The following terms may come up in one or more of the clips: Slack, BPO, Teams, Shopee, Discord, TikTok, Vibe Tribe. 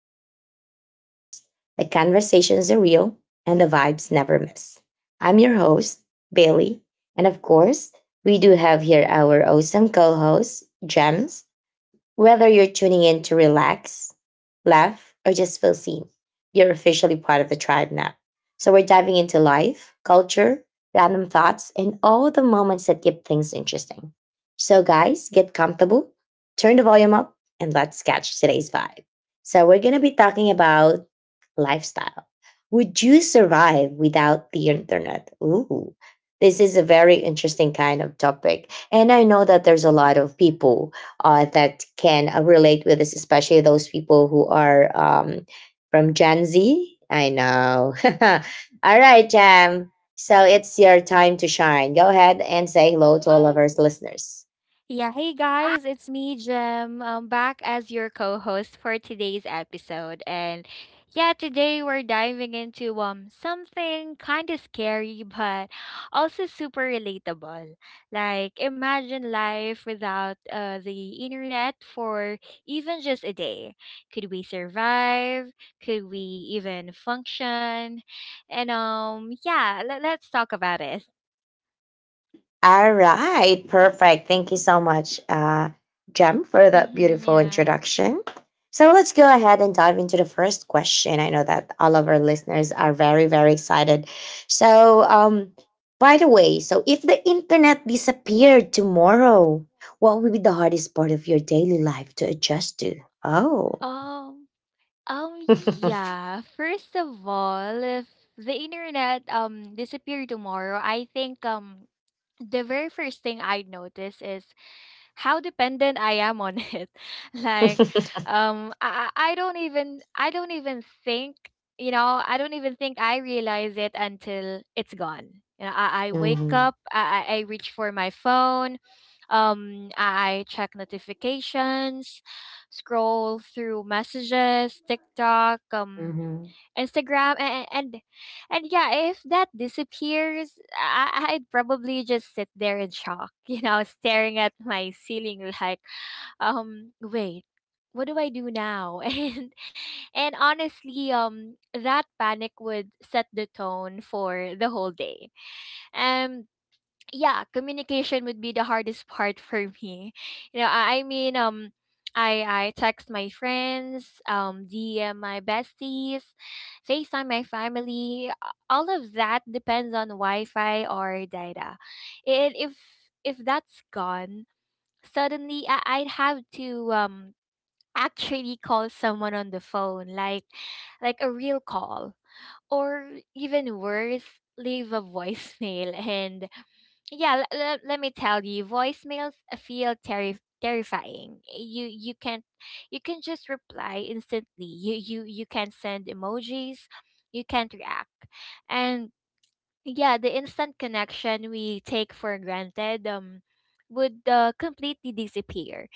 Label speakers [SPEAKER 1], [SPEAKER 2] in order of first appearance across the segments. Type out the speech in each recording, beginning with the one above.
[SPEAKER 1] energy is contagious, the conversations are real, and the vibes never miss. I'm your host, Bailey. And of course, we do have here our awesome co host, Gems. Whether you're tuning in to relax, laugh, or just feel seen, you're officially part of the tribe now. So we're diving into life, culture, random thoughts, and all the moments that keep things interesting. So, guys, get comfortable, turn the volume up, and let's catch today's vibe. So, we're going to be talking about lifestyle. Would you survive without the internet? Ooh, this is a very interesting kind of topic. And I know that there's a lot of people that can relate with this, especially those people who are from Gen Z. I know. All right, Jam. So it's your time to shine. Go ahead and say hello to all of our listeners.
[SPEAKER 2] Yeah, hey guys, it's me, Jem. Back as your co-host for today's episode, and yeah, today we're diving into something kind of scary, but also super relatable. Like, imagine life without the internet for even just a day. Could we survive? Could we even function? And yeah, let's talk about it.
[SPEAKER 1] All right, perfect. Thank you so much, Jem, for that
[SPEAKER 2] Mm-hmm,
[SPEAKER 1] beautiful
[SPEAKER 2] yeah.
[SPEAKER 1] introduction. So let's go ahead and dive into the first question. I know that all of our listeners are very, very excited. So, by the way, so if the internet disappeared tomorrow, what would be the hardest part of your daily life to adjust to? Oh.
[SPEAKER 2] Oh.
[SPEAKER 1] Mm-hmm.
[SPEAKER 2] Yeah. First of all, if the internet disappeared tomorrow, I think the very first thing I notice is how dependent I am on it. Like, I don't even I don't even think you know I don't even think I realize it until it's gone. You know, I wake up, I reach for my phone, I check notifications, scroll through messages, TikTok, Instagram, and yeah, if that disappears, I'd probably just sit there in shock, you know, staring at my ceiling like, wait, what do I do now? And honestly, that panic would set the tone for the whole day. Um yeah, communication would be the hardest part for me. You know, I mean, I text my friends, DM my besties, FaceTime my family. All of that depends on Wi-Fi or data, and if that's gone, suddenly I'd have to actually call someone on the phone, like a real call, or even worse, leave a voicemail and yeah, let me tell you, voicemails feel terrifying. You can't, you can just reply instantly. You can't send emojis, you can't react. And yeah, the instant connection we take for granted would completely disappear,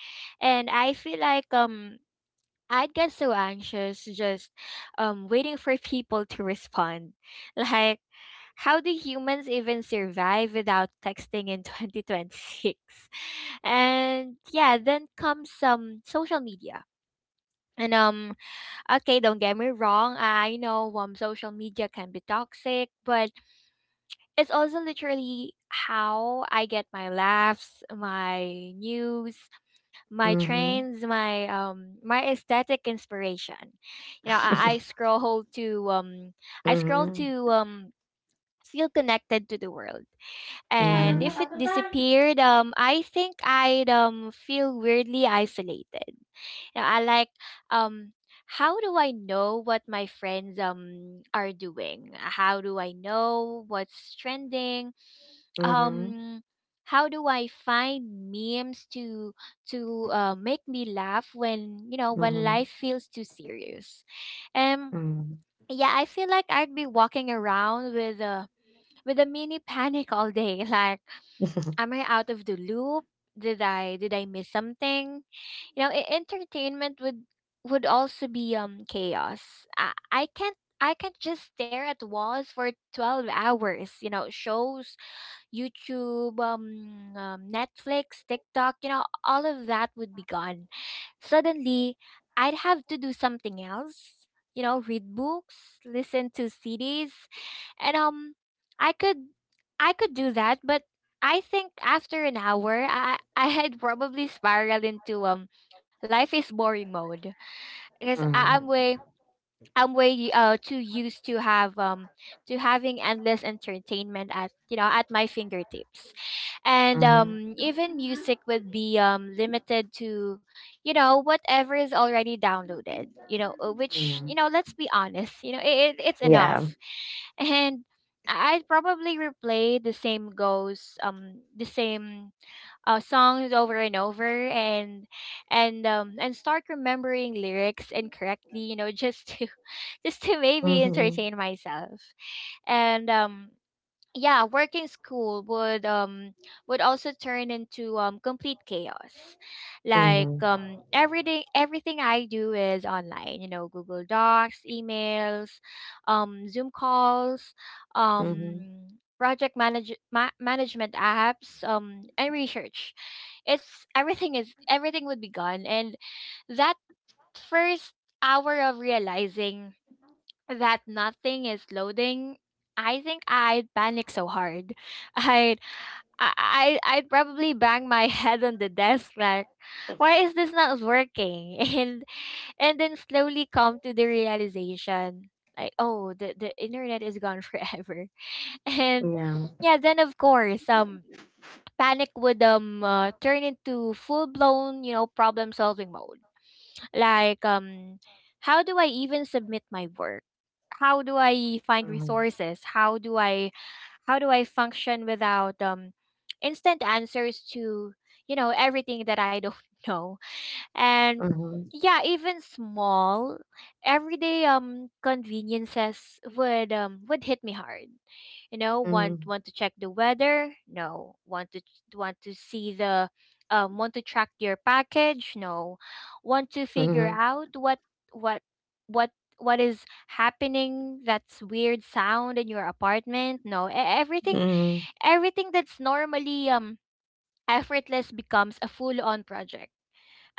[SPEAKER 2] and I feel like I'd get so anxious just waiting for people to respond. Like, how do humans even survive without texting in 2026? And yeah, then comes some social media. And okay, don't get me wrong, I know social media can be toxic, but it's also literally how I get my laughs, my news, my
[SPEAKER 1] Mm-hmm. Mm-hmm.
[SPEAKER 2] trends, my aesthetic inspiration. You know, I scroll to I scroll to
[SPEAKER 1] Mm-hmm.
[SPEAKER 2] feel connected to the world. And
[SPEAKER 1] Hmm.
[SPEAKER 2] if it disappeared, I think I'd feel weirdly isolated. Now, I like um how do I know what my friends are doing? How do I know what's trending? Um how do I find memes to make me laugh when when
[SPEAKER 1] Hmm.
[SPEAKER 2] life feels too serious? Um
[SPEAKER 1] Hmm.
[SPEAKER 2] yeah, I feel like I'd be walking around with a mini panic all day, like, am I out of the loop? Did I miss something? You know, entertainment would also be chaos. I can't, I can't just stare at walls for 12 hours, you know, shows, YouTube, Netflix, TikTok, you know, all of that would be gone. Suddenly, I'd have to do something else, you know, read books, listen to CDs, and I could I could do that, but I think after an hour, I I had probably spiraled into life is boring mode, because I'm
[SPEAKER 1] Mhm.
[SPEAKER 2] way too used to have to having endless entertainment at, at my fingertips, and
[SPEAKER 1] Mhm.
[SPEAKER 2] even music would be limited to, you know, whatever is already downloaded, you know, which, you
[SPEAKER 1] Mhm.
[SPEAKER 2] know, let's be honest, it's
[SPEAKER 1] Yeah.
[SPEAKER 2] enough, and I'd probably replay the same songs over and over, and start remembering lyrics incorrectly, you know, just to just to maybe
[SPEAKER 1] Mhm.
[SPEAKER 2] entertain myself. And yeah, working school would also turn into complete chaos. Like,
[SPEAKER 1] Mhm.
[SPEAKER 2] everything I do is online, you know, Google Docs, emails, Zoom calls,
[SPEAKER 1] Mhm.
[SPEAKER 2] um management apps, and research. It's everything is Everything would be gone, and that first hour of realizing that nothing is loading, I think I'd panic so hard. I'd I'd probably bang my head on the desk like, why is this not working? And then slowly come to the realization like, oh, the internet is gone forever. And
[SPEAKER 1] Yeah.
[SPEAKER 2] yeah, then of course, panic would turn into full blown, you know, problem solving mode. Like, how do I even submit my work? How do I find
[SPEAKER 1] Mhm.
[SPEAKER 2] resources? How do I function without instant answers to, you know, everything that I don't know? And
[SPEAKER 1] Mhm.
[SPEAKER 2] yeah, even small everyday conveniences would hit me hard. You know,
[SPEAKER 1] Mhm.
[SPEAKER 2] want to check the weather? No. Want to see the want to track your package? No. Want to figure
[SPEAKER 1] Mhm.
[SPEAKER 2] out what what what is happening, that's weird sound in your apartment? No.
[SPEAKER 1] Mhm.
[SPEAKER 2] Everything that's normally effortless becomes a full on project.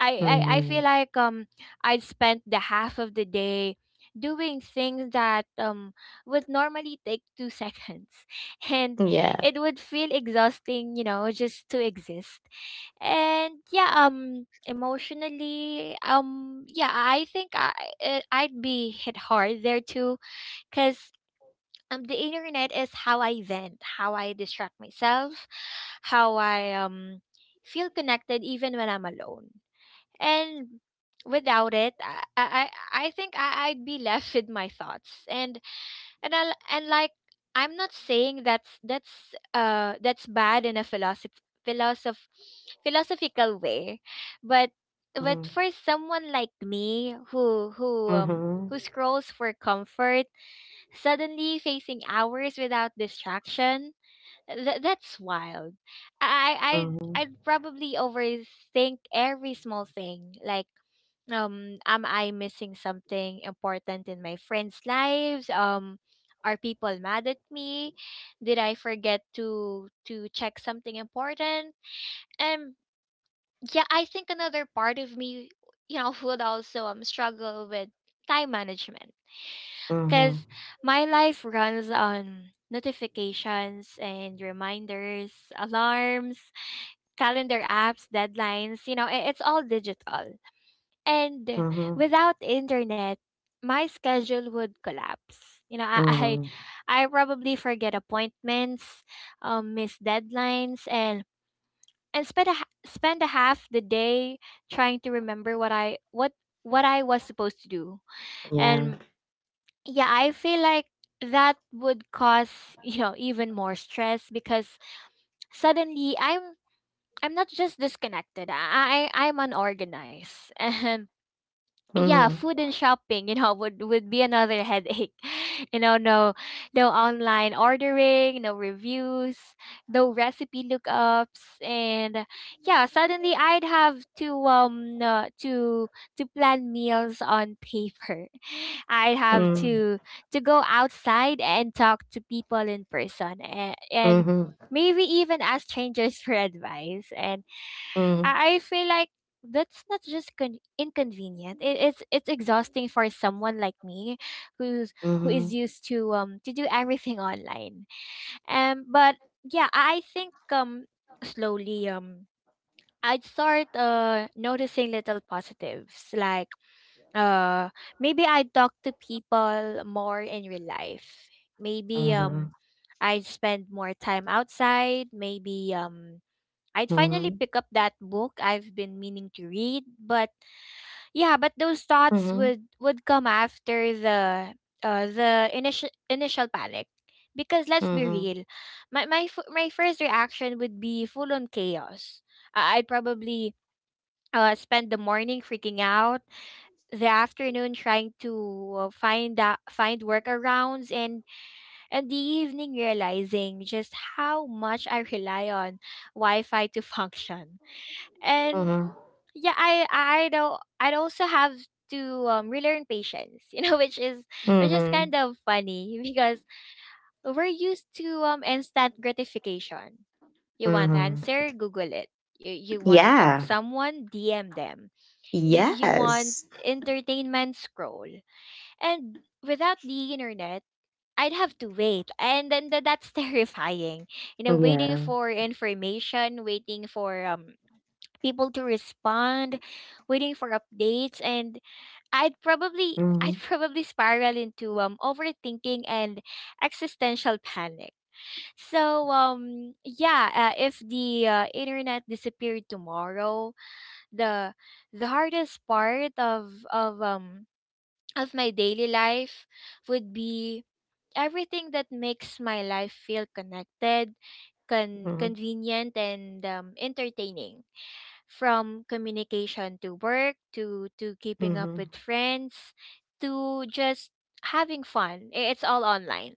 [SPEAKER 2] I feel
[SPEAKER 1] Mhm.
[SPEAKER 2] like I'd spent the half of the day doing things that would normally take 2 seconds and
[SPEAKER 1] Yeah.
[SPEAKER 2] it would feel exhausting, you know, just to exist. And yeah, emotionally, yeah, I think I- I'd be hit hard there too, because the internet is how I vent, how I distract myself, how I feel connected even when I'm alone. And without it, I think I'd be left with my thoughts. And like, I'm not saying that's that's bad in a philosoph- philosophical way, but
[SPEAKER 1] Mhm.
[SPEAKER 2] for someone like me,
[SPEAKER 1] Mhm.
[SPEAKER 2] who scrolls for comfort, suddenly facing hours without distraction, that's wild.
[SPEAKER 1] Mhm.
[SPEAKER 2] I'd probably overthink every small thing, like, am I missing something important in my friends lives, are people mad at me, did I forget to check something important? And yeah, I think another part of me, you know, would also struggle with time management,
[SPEAKER 1] Mhm.
[SPEAKER 2] because my life runs on notifications and reminders, alarms, calendar apps, deadlines, you know, it's all digital. And
[SPEAKER 1] Mhm.
[SPEAKER 2] without internet, my schedule would collapse. You know,
[SPEAKER 1] Mhm.
[SPEAKER 2] I probably forget appointments, miss deadlines, and spend spend a half the day trying to remember what I was supposed to do.
[SPEAKER 1] Yeah.
[SPEAKER 2] And yeah, I feel like that would cause you know even more stress, because suddenly I'm not just disconnected. I'm unorganized. Yeah,
[SPEAKER 1] Mhm.
[SPEAKER 2] food and shopping, you know, would be another headache. You know, no, no online ordering, no reviews, no recipe lookups. And yeah, suddenly I'd have to to plan meals on paper. I'd have
[SPEAKER 1] Mhm.
[SPEAKER 2] to go outside and talk to people in person, and
[SPEAKER 1] Mhm.
[SPEAKER 2] maybe even ask strangers for advice. And
[SPEAKER 1] Mhm.
[SPEAKER 2] I feel like that's not just inconvenient. It's exhausting for someone like me, who's who is
[SPEAKER 1] Mhm.
[SPEAKER 2] used to do everything online. But yeah, I think slowly I'd start noticing little positives, like, uh maybe I talk to people more in real life. Maybe
[SPEAKER 1] Mhm.
[SPEAKER 2] I spend more time outside. Maybe I'd
[SPEAKER 1] Mhm.
[SPEAKER 2] finally
[SPEAKER 1] Mhm.
[SPEAKER 2] pick up that book I've been meaning to read. But yeah, but those thoughts
[SPEAKER 1] Mhm.
[SPEAKER 2] would come after the initial panic. Because let's be real, my first reaction would be full on chaos. I'd probably spend the morning freaking out, the afternoon trying to find workarounds, and the evening realizing just how much I rely on Wi-Fi to function. And
[SPEAKER 1] Mhm.
[SPEAKER 2] yeah, I don't I'd also have to relearn patience, you know, which is
[SPEAKER 1] Mhm.
[SPEAKER 2] kind of funny, because we're used to instant gratification. You want
[SPEAKER 1] Mhm.
[SPEAKER 2] answer, Google it. You want to talk
[SPEAKER 1] Yeah.
[SPEAKER 2] someone, DM them. You want
[SPEAKER 1] Yes.
[SPEAKER 2] entertainment, scroll. And without the internet, I'd have to wait, and then that's terrifying. You know, waiting
[SPEAKER 1] Yeah.
[SPEAKER 2] for information, waiting for people to respond, waiting for updates. And I'd
[SPEAKER 1] Mhm.
[SPEAKER 2] probably spiral into overthinking and existential panic. So yeah, if the internet disappeared tomorrow, the the hardest part of my daily life would be everything that makes my life feel connected,
[SPEAKER 1] Mhm.
[SPEAKER 2] convenient, and entertaining, from communication to work to keeping up
[SPEAKER 1] Mhm.
[SPEAKER 2] with friends, to just having fun. It's all online.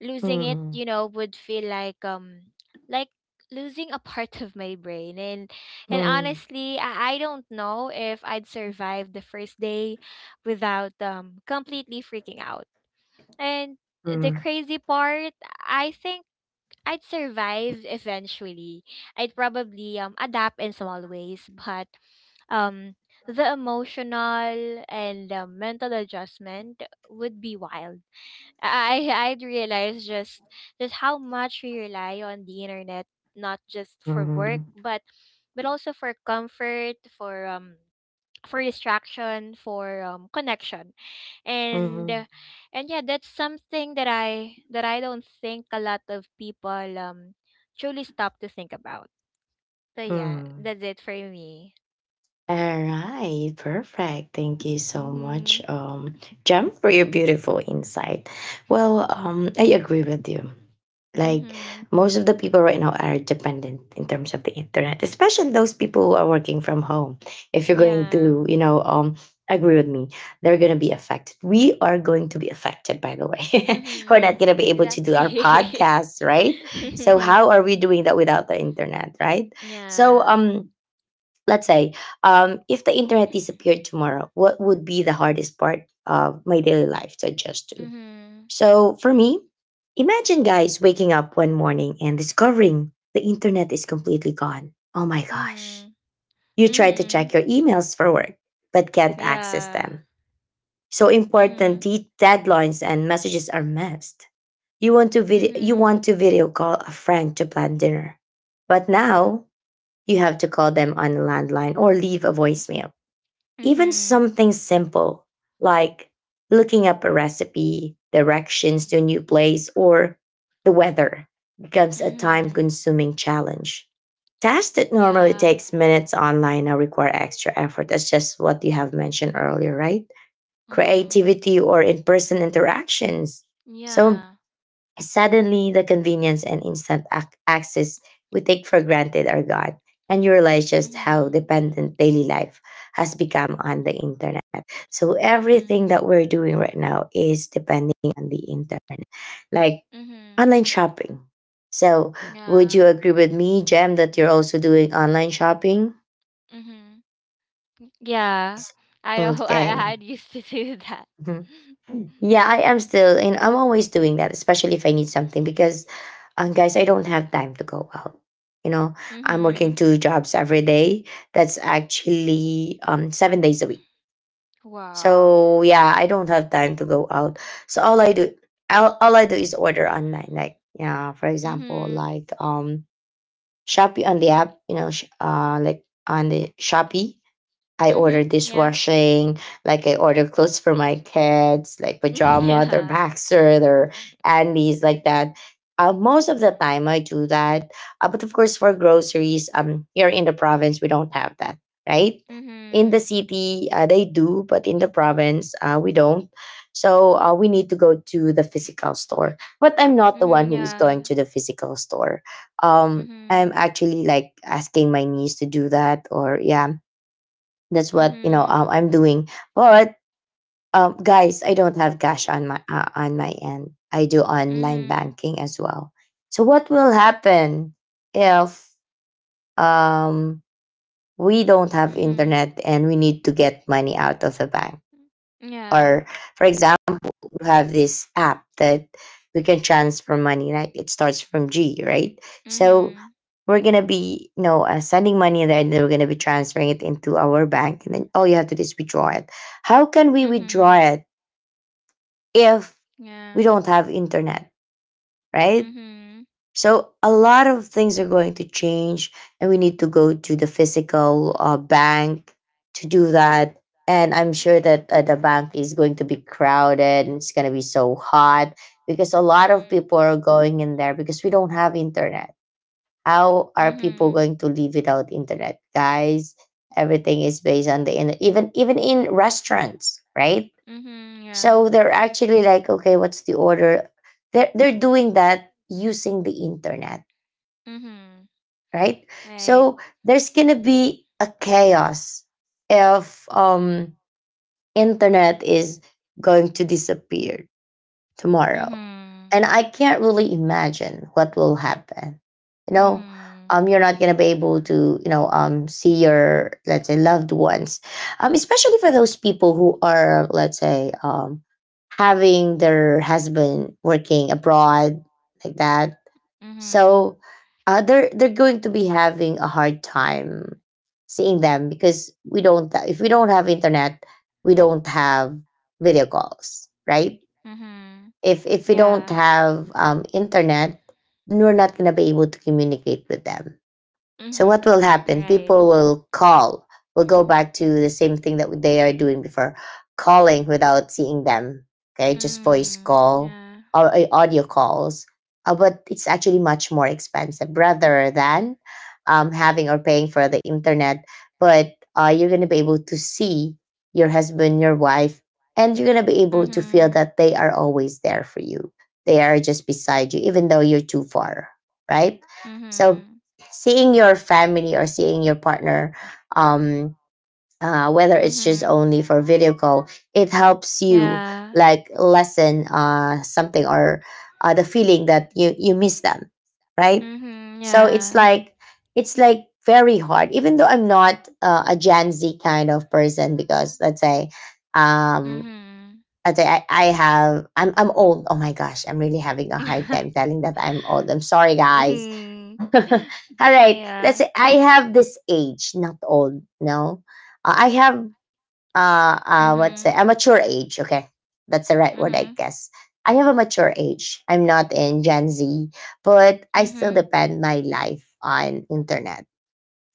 [SPEAKER 2] Losing it,
[SPEAKER 1] Mhm.
[SPEAKER 2] you know, would feel like like losing a part of my brain. And
[SPEAKER 1] Mhm.
[SPEAKER 2] honestly, I don't know if I'd survive the first day without completely freaking out. And the
[SPEAKER 1] Mhm.
[SPEAKER 2] crazy part, I think I'd survive eventually. I'd probably adapt in small ways. But um the emotional and mental adjustment would be wild. I'd realize just how much we rely on the internet, not just for work,
[SPEAKER 1] Mhm.
[SPEAKER 2] but also for comfort, for distraction, for connection, and
[SPEAKER 1] Mhm.
[SPEAKER 2] uh, and yeah, that's something that I don't think a lot of people um truly stop to think about. So yeah,
[SPEAKER 1] Mhm.
[SPEAKER 2] that's it for me.
[SPEAKER 1] All right, perfect. Thank you so much,
[SPEAKER 2] Mhm.
[SPEAKER 1] Jem, for your beautiful insight. Well, I agree with you. Like
[SPEAKER 2] Mhm.
[SPEAKER 1] most of the people right now are dependent in terms of the internet, especially those people who are working from home. If you're going
[SPEAKER 2] Yeah.
[SPEAKER 1] to, you know, agree with me, they're going to be affected. We are going to be affected, by the way. We're not
[SPEAKER 2] Mhm.
[SPEAKER 1] going to be able to do our
[SPEAKER 2] Exactly.
[SPEAKER 1] podcasts, right? So how are we doing that without the internet, right? So,
[SPEAKER 2] Yeah.
[SPEAKER 1] let's say, if the internet disappeared tomorrow, what would be the hardest part of my daily life to adjust to?
[SPEAKER 2] Mhm.
[SPEAKER 1] So for me, imagine guys waking up one morning and discovering the internet is completely gone. Oh my gosh.
[SPEAKER 2] Mhm.
[SPEAKER 1] You try to
[SPEAKER 2] Mhm.
[SPEAKER 1] check your emails for work, but can't access
[SPEAKER 2] Yeah.
[SPEAKER 1] them. So important
[SPEAKER 2] Mhm.
[SPEAKER 1] deadlines and messages are missed. You
[SPEAKER 2] Mhm.
[SPEAKER 1] want to video call a friend to plan dinner. But now you have to call them on a landline or leave a voicemail. Even
[SPEAKER 2] Mhm.
[SPEAKER 1] something simple like looking up a recipe, directions to a new place, or the weather becomes a time
[SPEAKER 2] Mhm.
[SPEAKER 1] consuming challenge. Tasks that normally
[SPEAKER 2] Yeah.
[SPEAKER 1] takes minutes online now require extra effort. That's just what you have mentioned earlier, right?
[SPEAKER 2] Mhm.
[SPEAKER 1] Creativity or in person interactions. So
[SPEAKER 2] Yeah.
[SPEAKER 1] suddenly, the convenience and instant access we take for granted are gone, and you realize just how
[SPEAKER 2] Mhm.
[SPEAKER 1] dependent daily life has become on the internet. So,
[SPEAKER 2] Mhm.
[SPEAKER 1] everything that we're doing right now is depending on the internet, like
[SPEAKER 2] Mhm.
[SPEAKER 1] online shopping. So, would you
[SPEAKER 2] Yeah.
[SPEAKER 1] agree with me, Jem, that you're also doing online shopping?
[SPEAKER 2] Mhm. Yeah.
[SPEAKER 1] Yes.
[SPEAKER 2] I know. I
[SPEAKER 1] Okay.
[SPEAKER 2] had used to do that.
[SPEAKER 1] Mhm. Yeah, I am still, and I'm always doing that, especially if I need something because, guys, I don't have time to go out. You know, I'm working
[SPEAKER 2] Mhm.
[SPEAKER 1] two jobs every day. That's actually 7 days a week.
[SPEAKER 2] Wow.
[SPEAKER 1] So yeah, I don't have time to go out. So all I do is order online. Like yeah, for example,
[SPEAKER 2] Mhm.
[SPEAKER 1] like Shopee on the app. You know, like on the Shopee. I
[SPEAKER 2] Mhm.
[SPEAKER 1] order
[SPEAKER 2] Yeah.
[SPEAKER 1] dishwashing, like I order clothes for my kids, like pajama, their
[SPEAKER 2] Yeah.
[SPEAKER 1] boxer, their undies, like that. Most of the time, I do that. But of course, for groceries, here in the province, we don't have that, right? In the
[SPEAKER 2] Mhm.
[SPEAKER 1] city, they do, but in the province, we don't. So we need to go to the physical store. But I'm not the one
[SPEAKER 2] Mhm.
[SPEAKER 1] who is
[SPEAKER 2] Yeah.
[SPEAKER 1] going to the physical store. I'm
[SPEAKER 2] Mhm.
[SPEAKER 1] actually like asking my niece to do that, or yeah, that's what you know
[SPEAKER 2] Mhm.
[SPEAKER 1] I'm doing. But guys, I don't have cash on my end. I do online
[SPEAKER 2] Mhm.
[SPEAKER 1] banking as well. So what will happen if um, we don't have
[SPEAKER 2] Mhm.
[SPEAKER 1] internet and we need to get money out of the bank?
[SPEAKER 2] Yeah.
[SPEAKER 1] Or for example, you have this app that we can transfer money. Right, it starts from G, right? So
[SPEAKER 2] Mhm.
[SPEAKER 1] we're gonna be you know sending money there, and then we're gonna be transferring it into our bank, and then all you have to do is withdraw it. How can we withdraw
[SPEAKER 2] Mhm.
[SPEAKER 1] it if we
[SPEAKER 2] Yeah.
[SPEAKER 1] don't have internet, right?
[SPEAKER 2] Mhm.
[SPEAKER 1] So a lot of things are going to change, and we need to go to the physical bank to do that. And I'm sure that the bank is going to be crowded and it's
[SPEAKER 2] Crowded,
[SPEAKER 1] going to
[SPEAKER 2] it's
[SPEAKER 1] be so hot
[SPEAKER 2] gonna
[SPEAKER 1] because
[SPEAKER 2] be
[SPEAKER 1] a
[SPEAKER 2] so
[SPEAKER 1] lot of
[SPEAKER 2] hot.
[SPEAKER 1] people are going in there because we don't have internet. How are people
[SPEAKER 2] Hmm.
[SPEAKER 1] going to live without internet, guys? Everything is based on the internet, even in restaurants, right?
[SPEAKER 2] Hmm. Hmm. Yeah.
[SPEAKER 1] So they're actually like, okay, what's the order? They're doing that using the internet,
[SPEAKER 2] Mm-hmm.
[SPEAKER 1] right?
[SPEAKER 2] Right.
[SPEAKER 1] So there's gonna be a chaos if internet is going to disappear tomorrow.
[SPEAKER 2] Mm-hmm.
[SPEAKER 1] And I can't really imagine what will happen. You know,
[SPEAKER 2] Mm-hmm.
[SPEAKER 1] you're not gonna be able to, you know, see your let's say loved ones, especially for those people who are let's say having their husband working abroad like that.
[SPEAKER 2] That, mm-hmm, right?
[SPEAKER 1] So, they're going to be having a hard time seeing them because we don't if we don't have internet, we don't have video calls, right?
[SPEAKER 2] Hmm.
[SPEAKER 1] If we don't
[SPEAKER 2] Yeah.
[SPEAKER 1] have internet, we're not gonna be able to communicate with them. So what will
[SPEAKER 2] Mm-hmm.
[SPEAKER 1] happen?
[SPEAKER 2] Right.
[SPEAKER 1] People will call. Will go back to the same thing that they are doing before, calling without seeing them. Okay, just voice
[SPEAKER 2] Mm.
[SPEAKER 1] call
[SPEAKER 2] Yeah.
[SPEAKER 1] or audio calls. But it's actually much more expensive rather than having or paying for the internet. But you're gonna be able to see your husband, your wife, and you're gonna be able to feel
[SPEAKER 2] And
[SPEAKER 1] that they are always there for you. They are just beside you, even though you're too far, right?
[SPEAKER 2] mm-hmm, mm-hmm, so
[SPEAKER 1] So
[SPEAKER 2] hmm.
[SPEAKER 1] seeing your family or seeing your partner um whether it's just only for video call, it helps you
[SPEAKER 2] Yeah.
[SPEAKER 1] like lessen something or the feeling that you miss them, right?
[SPEAKER 2] Mm-hmm.
[SPEAKER 1] So
[SPEAKER 2] Yeah.
[SPEAKER 1] it's like very hard even though I'm not a Gen Z kind of person because um
[SPEAKER 2] Mm-hmm.
[SPEAKER 1] let's say I have I'm old. Oh my gosh, I'm really having a hard
[SPEAKER 2] Hmm.
[SPEAKER 1] time telling that I'm old. I'm sorry guys. All right. Let's
[SPEAKER 2] Yeah.
[SPEAKER 1] say I have this age, not old. No, uh, I have uh, what's it?
[SPEAKER 2] Mm-hmm.
[SPEAKER 1] A mature age. Okay, that's the right word, I
[SPEAKER 2] Mm-hmm.
[SPEAKER 1] guess. I have a mature age. I'm not in Gen Z, but I still
[SPEAKER 2] Mm-hmm.
[SPEAKER 1] depend my life on internet.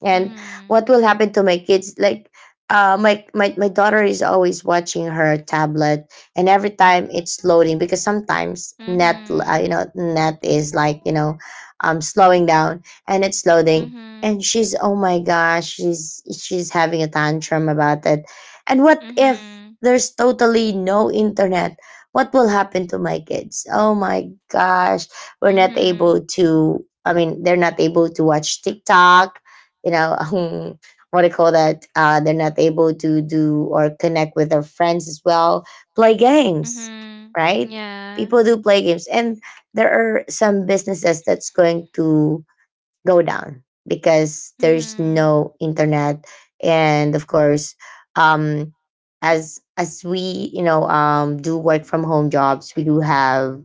[SPEAKER 1] And what
[SPEAKER 2] Mm-hmm.
[SPEAKER 1] will happen to my kids, like my daughter is always watching her tablet, and every time it's loading because sometimes net
[SPEAKER 2] Mhm.
[SPEAKER 1] you know net is like you know slowing down and it's loading, and
[SPEAKER 2] Mhm.
[SPEAKER 1] she's oh my gosh, she's having a tantrum about it. And what if
[SPEAKER 2] Mhm.
[SPEAKER 1] there's totally no internet, what will happen to my kids? Oh my gosh, we're not
[SPEAKER 2] Mhm.
[SPEAKER 1] able to, I mean they're not able to watch TikTok, you know. What do you call that, they're not able to do or connect with their friends as well, play games,
[SPEAKER 2] Mhm.
[SPEAKER 1] right?
[SPEAKER 2] Yeah.
[SPEAKER 1] People do play games, and there are some businesses that's going to go down because there's
[SPEAKER 2] Mhm.
[SPEAKER 1] no internet. And of course, um as we you know do work from home jobs, we do have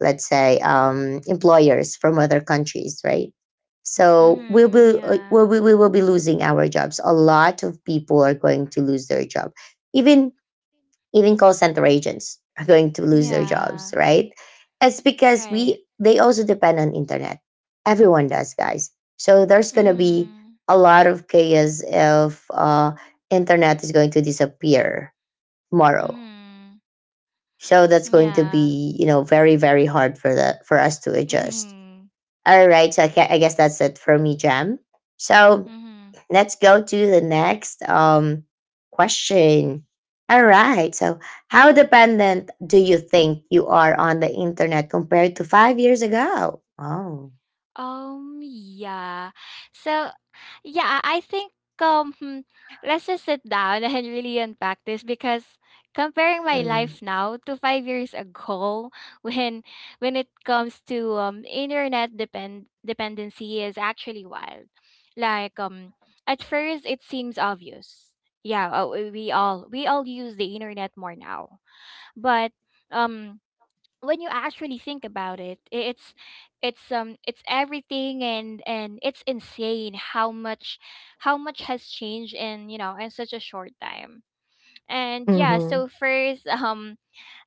[SPEAKER 1] let's say employers from other countries, right? So we'll
[SPEAKER 2] Mhm.
[SPEAKER 1] be
[SPEAKER 2] Yeah.
[SPEAKER 1] we will be losing our jobs. A lot of people are going to lose their job, even even call center agents are going to lose their jobs,
[SPEAKER 2] Yeah.
[SPEAKER 1] right? It's because
[SPEAKER 2] Right.
[SPEAKER 1] we they also depend on internet. Everyone does, guys. So there's going to be
[SPEAKER 2] Mhm.
[SPEAKER 1] a lot of chaos if internet is going to disappear tomorrow.
[SPEAKER 2] Mhm.
[SPEAKER 1] So that's going to
[SPEAKER 2] Yeah.
[SPEAKER 1] be you know very very hard for the for us to adjust.
[SPEAKER 2] Mhm.
[SPEAKER 1] All right, so I guess that's it for me, Jam. So
[SPEAKER 2] Mhm.
[SPEAKER 1] let's go to the next question. All right. So, how dependent do you think you are on the internet compared to 5 years ago? Oh.
[SPEAKER 2] Yeah. So, yeah, I think um hmm, let's just sit down and really unpack this because comparing my
[SPEAKER 1] Mm.
[SPEAKER 2] life now to 5 years ago when when it comes to internet dependency is actually wild. Like at first it seems obvious. Yeah, we all use the internet more now. But um when you actually think about it, it's everything, and it's insane how much has changed in you know in such a short time. And yeah,
[SPEAKER 1] Mm-hmm.
[SPEAKER 2] so first,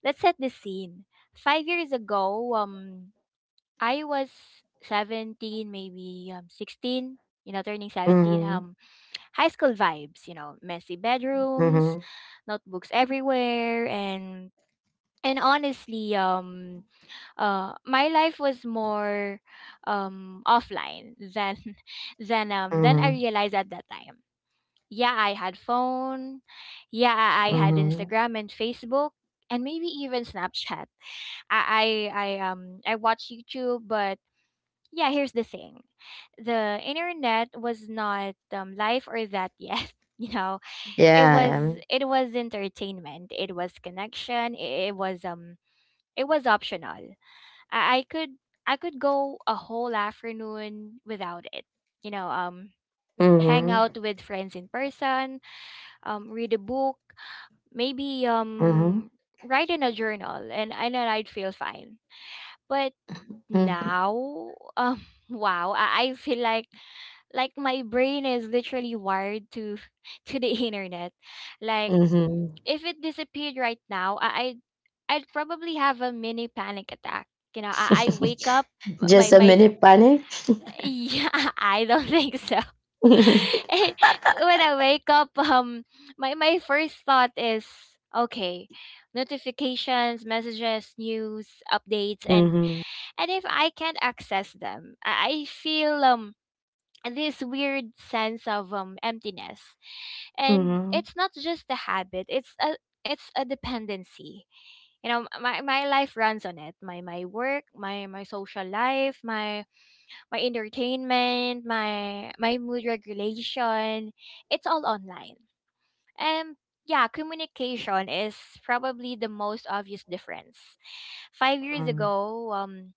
[SPEAKER 2] let's set the scene. 5 years ago, I was 17, maybe 16, you know, turning 17.
[SPEAKER 1] Mm-hmm.
[SPEAKER 2] High school vibes, you know, messy bedrooms,
[SPEAKER 1] Mm-hmm.
[SPEAKER 2] notebooks everywhere, and honestly, my life was more offline than than I
[SPEAKER 1] Mm-hmm.
[SPEAKER 2] realized at that time. Yeah, I had phone. Yeah, I, had
[SPEAKER 1] Mm-hmm.
[SPEAKER 2] Instagram and Facebook, and maybe even Snapchat. I watch YouTube, but yeah, here's the thing. The internet was not life or that yet. You know, it was,
[SPEAKER 1] Yeah. I
[SPEAKER 2] it was entertainment. It was connection. It it was optional. I, I could I could go a whole afternoon without it. You know, hang
[SPEAKER 1] Mm-hmm.
[SPEAKER 2] out with friends in person, read a book, maybe
[SPEAKER 1] Mm-hmm.
[SPEAKER 2] write in a journal, and then I'd feel fine. But now, wow, I feel like my brain is literally wired to to the internet. Like
[SPEAKER 1] Mm-hmm, yeah.
[SPEAKER 2] if it disappeared right now, I'd probably have a mini panic attack. You know, I wake up, my
[SPEAKER 1] Just a
[SPEAKER 2] my fr-
[SPEAKER 1] minute panic.
[SPEAKER 2] yeah, I don't think so. When I wake up, my first thought is, okay, notifications, messages, news, updates,
[SPEAKER 1] Mm-hmm.
[SPEAKER 2] and if I can't access them, I feel this weird sense of emptiness. And
[SPEAKER 1] Mm-hmm.
[SPEAKER 2] it's not just a habit, it's a dependency you know, my life runs on it. My work, my social life, my entertainment, my mood regulation, it's all online. And yeah, communication is probably the most obvious difference. 5 years
[SPEAKER 1] Mm-hmm.
[SPEAKER 2] ago,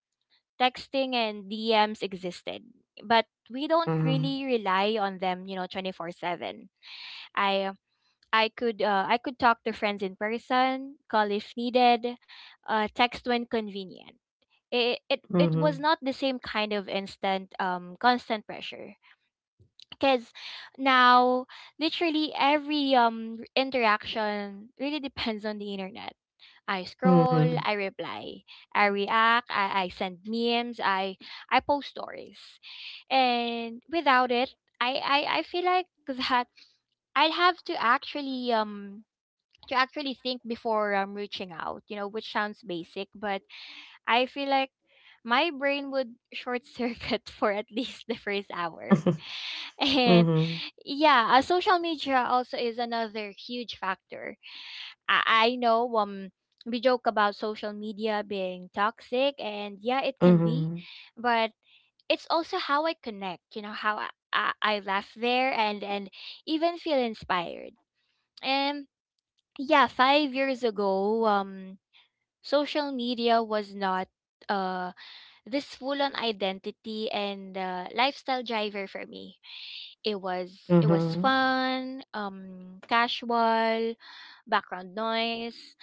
[SPEAKER 2] texting and DMs existed, but we don't really rely on them, you know, 24/7. I I could talk to friends in person, call if needed, text when convenient. It
[SPEAKER 1] Mm-hmm.
[SPEAKER 2] was
[SPEAKER 1] Mm-hmm.
[SPEAKER 2] not the same kind of instant, constant pressure, because now literally every interaction really depends on the internet. I scroll,
[SPEAKER 1] Mm-hmm.
[SPEAKER 2] I reply, I react, I send memes, I post stories. And without it, I feel like that I'd have to actually, to actually think before reaching out, you know, which sounds basic, but I feel like my brain would short circuit for at least the first hour. And
[SPEAKER 1] Mm-hmm.
[SPEAKER 2] yeah, social media also is another huge factor. I know, we joke about social media being toxic, and yeah, it can be, but it's also how I connect, you know, how I laugh there, and even feel inspired. And yeah, 5 years ago, social media was not uh this full on identity and lifestyle driver for me. It was
[SPEAKER 1] Mhm.
[SPEAKER 2] fun, casual background noise.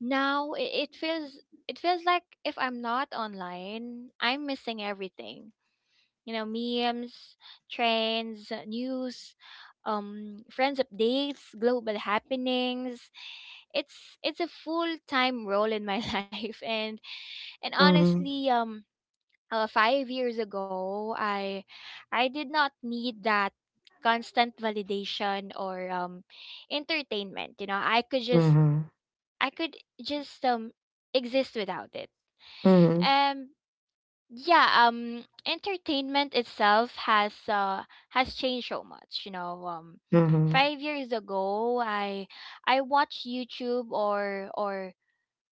[SPEAKER 2] Now it feels like if I'm not online, I'm missing everything. You know, memes, trends, news, friends updates, global happenings. It's a full time role in my life. And
[SPEAKER 1] Mhm.
[SPEAKER 2] honestly, 5 years ago, I did not need that constant validation or entertainment. You know, I could just
[SPEAKER 1] Mhm.
[SPEAKER 2] I could just um exist without it.
[SPEAKER 1] Mhm.
[SPEAKER 2] Um yeah, entertainment itself has changed so much, you know.
[SPEAKER 1] Mhm.
[SPEAKER 2] 5 years ago, I watched YouTube, or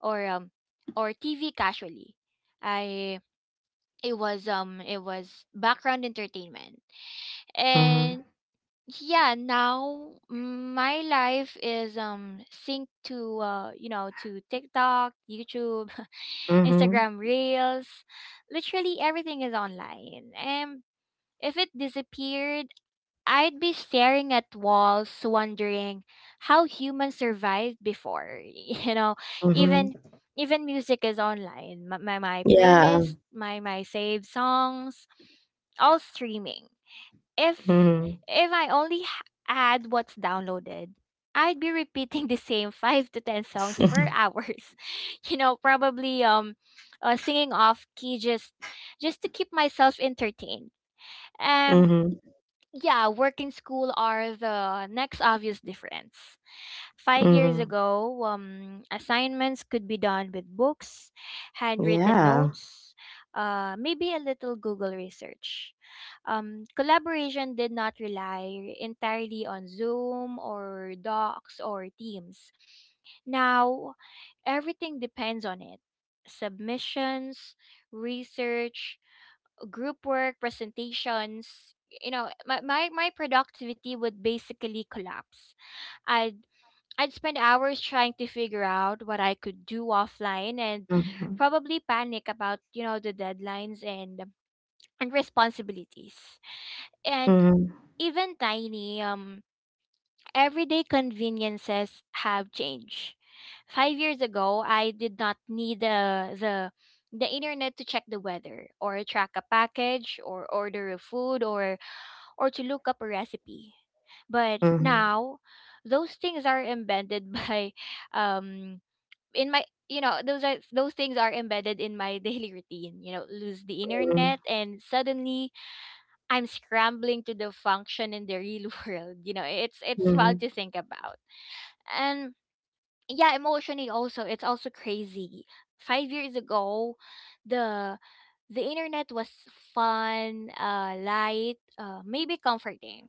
[SPEAKER 2] or um or TV casually. I It was background entertainment. And
[SPEAKER 1] Mhm.
[SPEAKER 2] yeah, now my life is synced to TikTok, YouTube,
[SPEAKER 1] Mhm.
[SPEAKER 2] Instagram Reels. Literally everything is online, and if it disappeared, I'd be staring at walls wondering how humans survived before. You know,
[SPEAKER 1] Mhm.
[SPEAKER 2] even even music is online. My playlist,
[SPEAKER 1] Yeah.
[SPEAKER 2] my saved songs, all streaming. if
[SPEAKER 1] Mhm.
[SPEAKER 2] if I only had what's downloaded, I'd be repeating the same 5 to 10 songs for hours, you know, probably singing off key, just to keep myself entertained. Um
[SPEAKER 1] Mhm.
[SPEAKER 2] yeah, work and school are the next obvious difference. 5 years
[SPEAKER 1] Mhm.
[SPEAKER 2] ago, assignments could be done with books, handwritten
[SPEAKER 1] Yeah.
[SPEAKER 2] notes, maybe a little Google research. Collaboration did not rely entirely on Zoom or Docs or Teams. Now everything depends on it: submissions, research, group work, presentations. You know, my productivity would basically collapse. I'd I'd spend hours trying to figure out what I could do offline, and
[SPEAKER 1] Mhm.
[SPEAKER 2] probably panic about, you know, the deadlines and responsibilities. And
[SPEAKER 1] Mhm.
[SPEAKER 2] even tiny everyday conveniences have changed. 5 years ago, I did not need the internet to check the weather, or track a package, or order a food, or to look up a recipe. But
[SPEAKER 1] Mhm.
[SPEAKER 2] now those things are embedded by um in my you know those are those things are embedded in my daily routine. You know, lose the internet and suddenly I'm scrambling to the function in the real world. You know, it's wild
[SPEAKER 1] Mhm.
[SPEAKER 2] to think about. And yeah, emotionally also it's also crazy. 5 years ago, the the internet was fun, light, maybe comforting.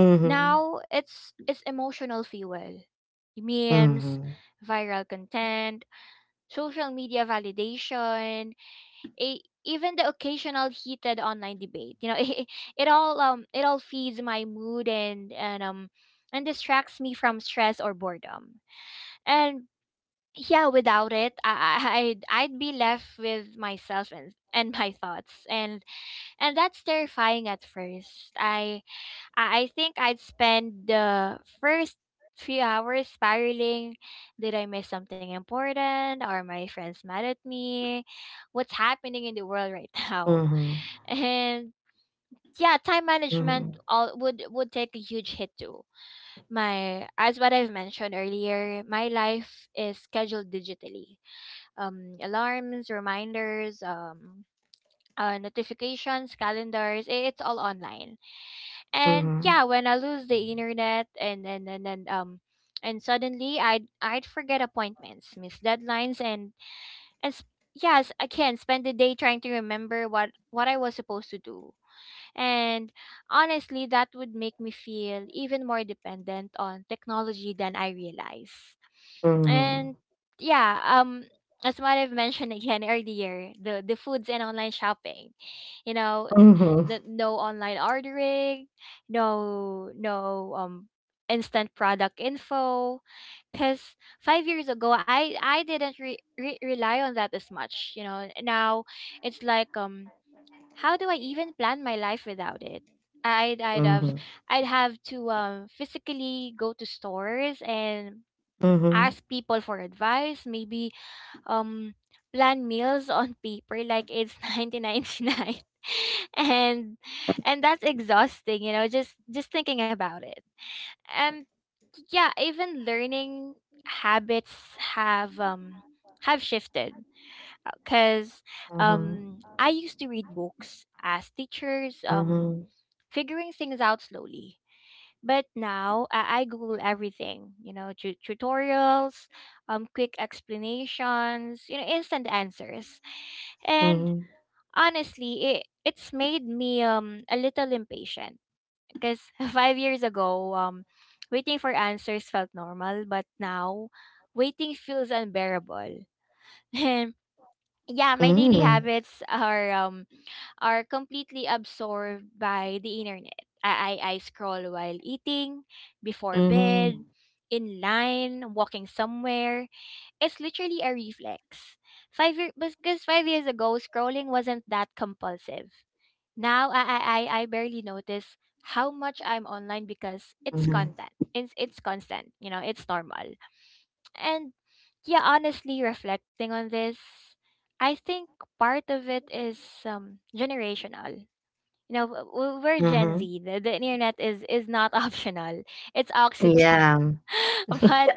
[SPEAKER 1] Mhm.
[SPEAKER 2] Now it's emotional fuel. Memes,
[SPEAKER 1] Mhm.
[SPEAKER 2] viral content, social media validation, even the occasional heated online debate, you know. It all feeds my mood, and distracts me from stress or boredom. And yeah, without it, I'd be left with myself and my thoughts, and that's terrifying. At first, I think I'd spend the first few hours spiraling. Did I miss something important? Are my friends mad at me? What's happening in the world right now? And yeah, time management
[SPEAKER 1] Mhm.
[SPEAKER 2] all would take a huge hit too. My As what I've mentioned earlier, my life is scheduled digitally. Alarms, reminders, notifications, calendars, it's all online. And yeah,
[SPEAKER 1] Mhm.
[SPEAKER 2] when I lose the internet, and suddenly I'd forget appointments, miss deadlines, and yes, again, spend the day trying to remember what I was supposed to do. And honestly, that would make me feel even more dependent on technology than I realize.
[SPEAKER 1] Mhm.
[SPEAKER 2] And yeah, as what I've mentioned again earlier, the foods and online shopping. You know,
[SPEAKER 1] Mhm.
[SPEAKER 2] the, no online ordering, no instant product info, cuz 5 years ago I didn't rely on that as much, you know. Now it's like, how do I even plan my life without it? I'd I'd have
[SPEAKER 1] Mhm.
[SPEAKER 2] I'd have to physically go to stores and
[SPEAKER 1] Mhm.
[SPEAKER 2] ask people for advice, maybe um plan meals on paper like it's 1999. and and that's exhausting, you know, just thinking about it. And yeah, even learning habits have shifted, because I used to read books, ask teachers,
[SPEAKER 1] Mhm. Mhm. Mhm. Mhm.
[SPEAKER 2] figuring things out slowly. But now I Google everything, you know, tutorials, quick explanations, you know, instant answers. And
[SPEAKER 1] Mhm.
[SPEAKER 2] honestly, it's made me a little impatient, because 5 years ago, waiting for answers felt normal, but now waiting feels unbearable. And yeah, my daily
[SPEAKER 1] Mm.
[SPEAKER 2] habits are completely absorbed by the internet. I scroll while eating, before bed,
[SPEAKER 1] Mhm.
[SPEAKER 2] in line, walking somewhere. It's literally a reflex. Because 5 years ago, scrolling wasn't that compulsive. Now I barely notice how much I'm online because it's
[SPEAKER 1] Mhm.
[SPEAKER 2] content. It's constant, it's normal. And yeah, honestly, reflecting on this, I think part of it is generational. We're Gen
[SPEAKER 1] Mhm.
[SPEAKER 2] Z. The internet is not optional. It's oxygen.
[SPEAKER 1] Yeah.
[SPEAKER 2] But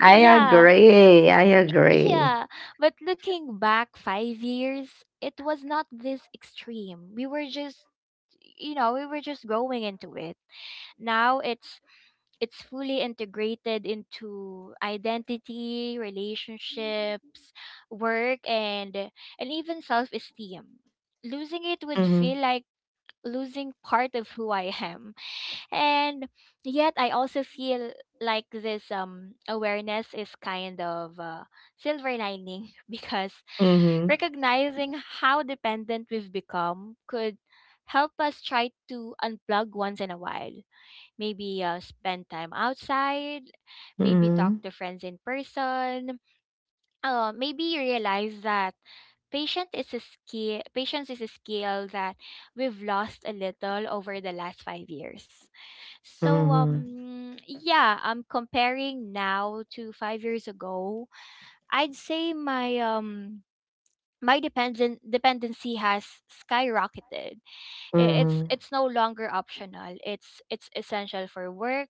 [SPEAKER 1] I
[SPEAKER 2] yeah,
[SPEAKER 1] agree. I agree.
[SPEAKER 2] yeah. But looking back 5 years, it was not this extreme. We were just we were just growing into it. Now it's fully integrated into identity, relationships, work, and even self-esteem. Losing it would feel
[SPEAKER 1] Mhm,
[SPEAKER 2] like losing part of who I am. And yet I also feel like this awareness is kind of silver lining because
[SPEAKER 1] mhm,
[SPEAKER 2] recognizing how dependent we've become could help us try to unplug once in a while. Maybe spend time outside, maybe talk
[SPEAKER 1] mhm,
[SPEAKER 2] to friends in person. Oh, maybe you realize that patience is a skill that we've lost a little over the last 5 years. So
[SPEAKER 1] mhm,
[SPEAKER 2] yeah, I'm comparing now to 5 years ago. I'd say my my dependent dependency has skyrocketed. I- it's
[SPEAKER 1] mhm,
[SPEAKER 2] it's no longer optional. It's essential for work,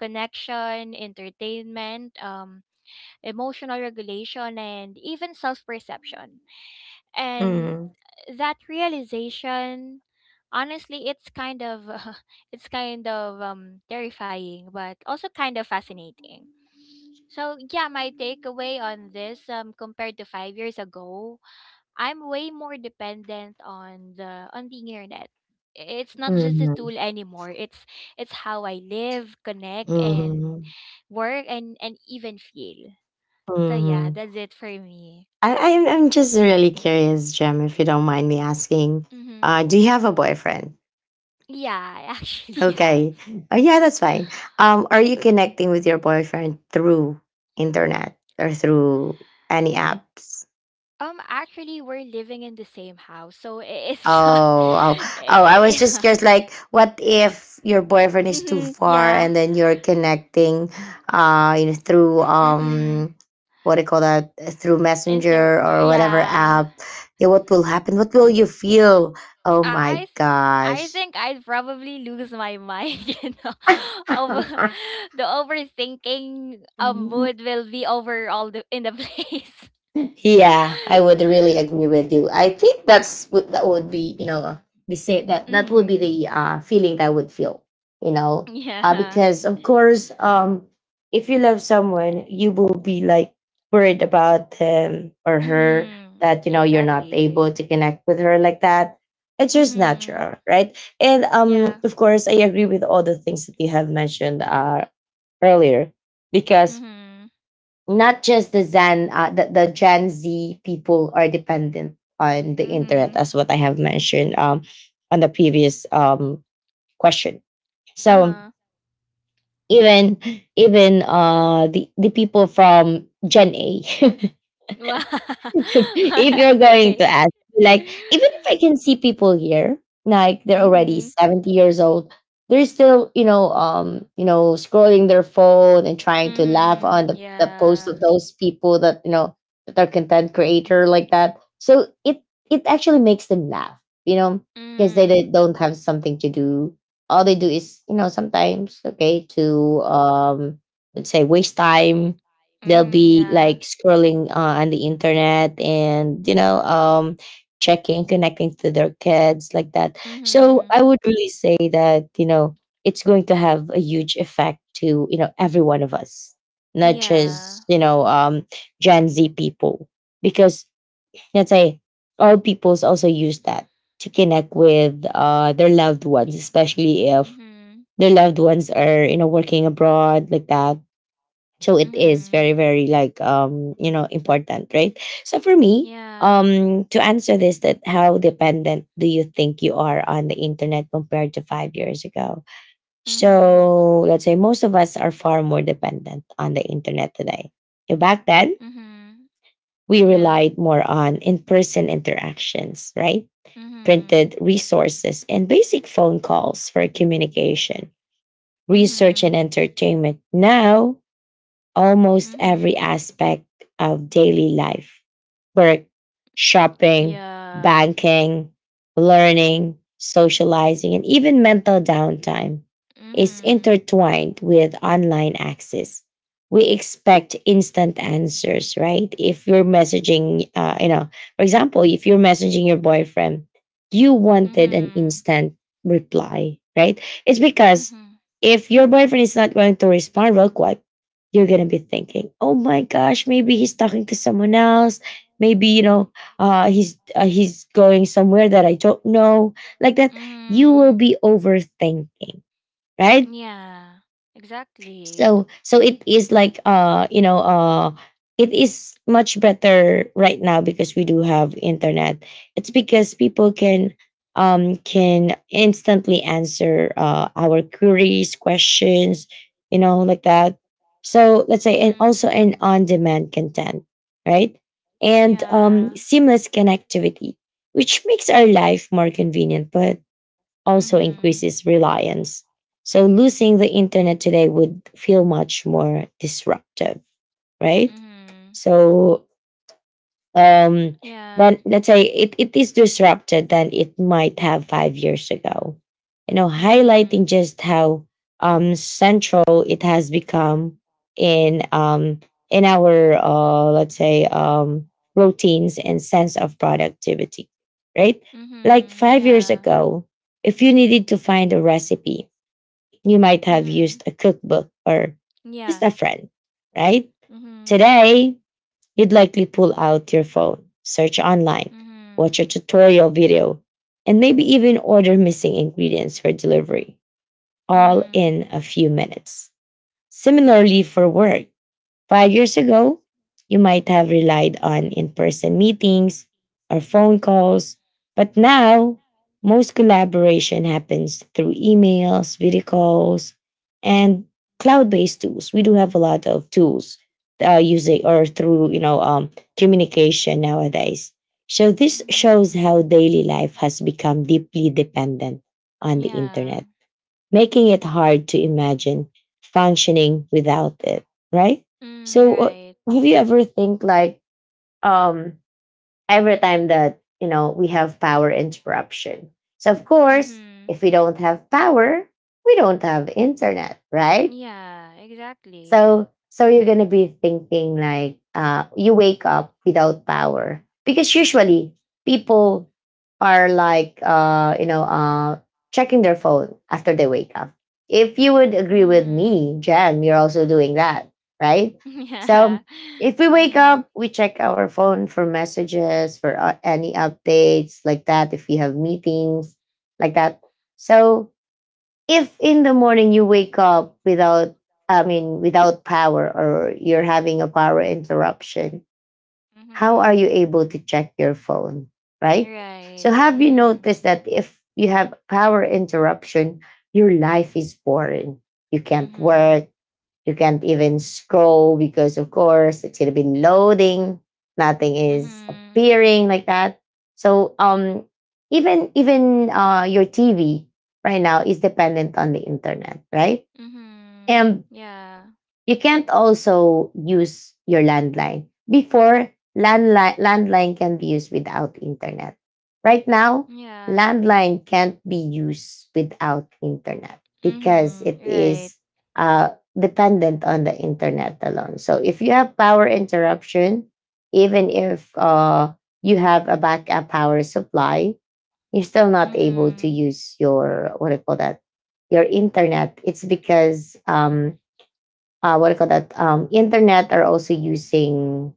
[SPEAKER 2] connection, entertainment, emotional regulation, and even self perception. And
[SPEAKER 1] mhm,
[SPEAKER 2] that realization, honestly, it's kind of it's kind of terrifying but also kind of fascinating. So yeah, my takeaway on this, compared to 5 years ago, I'm way more dependent on the internet it's not just a
[SPEAKER 1] mhm,
[SPEAKER 2] tool anymore. It's how I live, connect and
[SPEAKER 1] mhm,
[SPEAKER 2] work, and even feel. So yeah,
[SPEAKER 1] mhm.
[SPEAKER 2] that's it for me.
[SPEAKER 1] I'm just really curious, Jem, if you don't mind me asking.
[SPEAKER 2] Mm-hmm.
[SPEAKER 1] Do you have a boyfriend?
[SPEAKER 2] Yeah, I actually have.
[SPEAKER 1] Okay. Oh yeah, that's fine. Are you connecting with your boyfriend through internet or through any apps?
[SPEAKER 2] Actually, we're living in the same house, so it's not.
[SPEAKER 1] Oh, oh, oh, I was
[SPEAKER 2] Yeah.
[SPEAKER 1] just curious, like, what if your boyfriend is too
[SPEAKER 2] Mm-hmm,
[SPEAKER 1] far
[SPEAKER 2] yeah.
[SPEAKER 1] and then you're connecting, you know, through,
[SPEAKER 2] Mm-hmm.
[SPEAKER 1] what do you call that, through
[SPEAKER 2] And so,
[SPEAKER 1] Messenger or whatever
[SPEAKER 2] yeah,
[SPEAKER 1] app? Yeah, what will happen? What will you feel? Oh my
[SPEAKER 2] I, I
[SPEAKER 1] gosh.
[SPEAKER 2] think I'd probably lose my mind. You know, over the overthinking mood will be over all the in the place.
[SPEAKER 1] Yeah, I would really agree with you. I think that's what that would be, be say that that would be
[SPEAKER 2] Mm-hmm.
[SPEAKER 1] the feeling that I would feel, you know,
[SPEAKER 2] Yeah.
[SPEAKER 1] because of course, if you love someone, you will be like worried about him or her
[SPEAKER 2] Mhm.
[SPEAKER 1] that you know you're not
[SPEAKER 2] Exactly.
[SPEAKER 1] able to connect with her like that. It's just
[SPEAKER 2] Mhm.
[SPEAKER 1] natural, right? And
[SPEAKER 2] Yeah.
[SPEAKER 1] of course, I agree with all the things that you have mentioned earlier, because
[SPEAKER 2] Mhm.
[SPEAKER 1] not just the Zen, the Gen Z people are dependent on the
[SPEAKER 2] Mhm.
[SPEAKER 1] internet, as what I have mentioned on the previous question. So
[SPEAKER 2] Uh-huh.
[SPEAKER 1] even even the people from Gen A.
[SPEAKER 2] Wow.
[SPEAKER 1] If you're going
[SPEAKER 2] Okay.
[SPEAKER 1] to ask, like, even if I can see people here, like they're already
[SPEAKER 2] Mhm.
[SPEAKER 1] 70 years old, they're still, you know, scrolling their phone and trying to laugh
[SPEAKER 2] Mhm.
[SPEAKER 1] on the posts
[SPEAKER 2] Yeah.
[SPEAKER 1] of those people that, you know, that are content creator like that. So it actually makes them laugh, you know, because
[SPEAKER 2] Mhm.
[SPEAKER 1] they don't have something to do. All they do is, you know, sometimes okay to let's say waste time. They'll
[SPEAKER 2] Mhm.
[SPEAKER 1] be
[SPEAKER 2] Yeah.
[SPEAKER 1] like scrolling on the internet and you know checking, connecting to their kids like that. So
[SPEAKER 2] Mhm.
[SPEAKER 1] I would really say that you know it's going to have a huge effect to you know every one of us, not
[SPEAKER 2] Yeah.
[SPEAKER 1] just you know Gen Z people, because let's say all peoples also use that to connect with their loved ones, especially if
[SPEAKER 2] Mhm.
[SPEAKER 1] their loved ones are you know working abroad like that. So it is very very like you know important, right? So for me, to answer this that how dependent do you think you are on the internet compared to five years ago, so let's say most of us are far more dependent on the internet today. And back then
[SPEAKER 2] Mhm.
[SPEAKER 1] we
[SPEAKER 2] Yeah.
[SPEAKER 1] relied more on in-person interactions, right,
[SPEAKER 2] Mhm. Mhm. Yeah. Mhm.
[SPEAKER 1] printed resources and basic phone calls for communication, research
[SPEAKER 2] Mhm.
[SPEAKER 1] and entertainment. Now almost every
[SPEAKER 2] Mhm.
[SPEAKER 1] aspect of daily life, work, shopping,
[SPEAKER 2] Yeah.
[SPEAKER 1] banking, learning, socializing, and even mental downtime is
[SPEAKER 2] Mhm.
[SPEAKER 1] intertwined with online access. We expect instant answers, right? If you're messaging, for example, if you're messaging your boyfriend, you wanted an
[SPEAKER 2] Mhm.
[SPEAKER 1] instant reply, right? It's because
[SPEAKER 2] Mm-hmm.
[SPEAKER 1] if your boyfriend is not going to respond real quick, you're gonna be thinking, "Oh my gosh, maybe he's talking to someone else. Maybe you know, he's going somewhere that I don't know." Like that, you will
[SPEAKER 2] Mm-hmm.
[SPEAKER 1] be overthinking, right?
[SPEAKER 2] Yeah. Exactly.
[SPEAKER 1] So so it is like it is much better right now because we do have internet. It's because people can instantly answer our queries, questions, you know, like that. So let's say, and also
[SPEAKER 2] Mm-hmm.
[SPEAKER 1] an on demand content, right, and
[SPEAKER 2] Yeah.
[SPEAKER 1] seamless connectivity which makes our life more convenient but also
[SPEAKER 2] Mm-hmm.
[SPEAKER 1] increases reliance. So losing the internet today would feel much more disruptive, right?
[SPEAKER 2] Mm-hmm.
[SPEAKER 1] So um
[SPEAKER 2] Yeah.
[SPEAKER 1] then let's say it is disrupted than it might have 5 years ago, you know, highlighting
[SPEAKER 2] Mm-hmm.
[SPEAKER 1] just how central it has become in um in our let's say routines and sense of productivity, right, like
[SPEAKER 2] Mm-hmm.
[SPEAKER 1] 5 years
[SPEAKER 2] Yeah.
[SPEAKER 1] ago, if you needed to find a recipe, you might have used
[SPEAKER 2] Mm-hmm.
[SPEAKER 1] a cookbook or just
[SPEAKER 2] Yeah.
[SPEAKER 1] a friend, right?
[SPEAKER 2] Mm-hmm.
[SPEAKER 1] Today you'd likely pull out your phone, search online,
[SPEAKER 2] Mm-hmm.
[SPEAKER 1] watch a tutorial video, and maybe even order missing ingredients for delivery, all
[SPEAKER 2] Mm-hmm.
[SPEAKER 1] in a few minutes. Similarly, for work, 5 years ago, you might have relied on in person meetings or phone calls, but now most collaboration happens through emails, video calls, and cloud based tools. We do have a lot of tools using or through you know communication nowadays. So this shows
[SPEAKER 2] Mm-hmm.
[SPEAKER 1] how daily life has become deeply dependent on the internet,
[SPEAKER 2] Yeah.
[SPEAKER 1] making it hard to imagine functioning without it, right?
[SPEAKER 2] Mm,
[SPEAKER 1] So,
[SPEAKER 2] right.
[SPEAKER 1] have you ever think like um every time that you know we have power interruption? So, of course,
[SPEAKER 2] Mm-hmm.
[SPEAKER 1] if we don't have power, we don't have internet, right?
[SPEAKER 2] Yeah, exactly.
[SPEAKER 1] So so you're gonna be thinking like you wake up without power, because usually people are like checking their phone after they wake up. If you would agree with me,
[SPEAKER 2] Mm-hmm.
[SPEAKER 1] Jem, you're also doing that, right? So
[SPEAKER 2] Yeah.
[SPEAKER 1] if we wake
[SPEAKER 2] Mm-hmm.
[SPEAKER 1] up, we check our phone for messages, for any updates like that. If we have meetings like that, so if in the morning you wake up without without power, or you're having a power interruption, how are you
[SPEAKER 2] Mm-hmm.
[SPEAKER 1] able to check your phone, right? So
[SPEAKER 2] Right.
[SPEAKER 1] have you
[SPEAKER 2] Mm-hmm.
[SPEAKER 1] noticed that if you have power interruption, your life is boring, you can't work,
[SPEAKER 2] Mm-hmm.
[SPEAKER 1] you can't even scroll because, of course, it's gonna be loading. Nothing is
[SPEAKER 2] Mhm.
[SPEAKER 1] appearing like that. So even even your TV right now is dependent on the internet, right?
[SPEAKER 2] Mhm.
[SPEAKER 1] And
[SPEAKER 2] Yeah.
[SPEAKER 1] you can't also use your landline. Before, landline can be used without internet. Right now,
[SPEAKER 2] Yeah.
[SPEAKER 1] landline can't be used without internet because
[SPEAKER 2] Mhm.
[SPEAKER 1] it
[SPEAKER 2] Right.
[SPEAKER 1] is dependent on the internet alone. So if you have power interruption, even if you have a backup power supply, you're still not able to
[SPEAKER 2] Mhm.
[SPEAKER 1] use your what do you call that, your internet. It's because what do you call that, internet are also using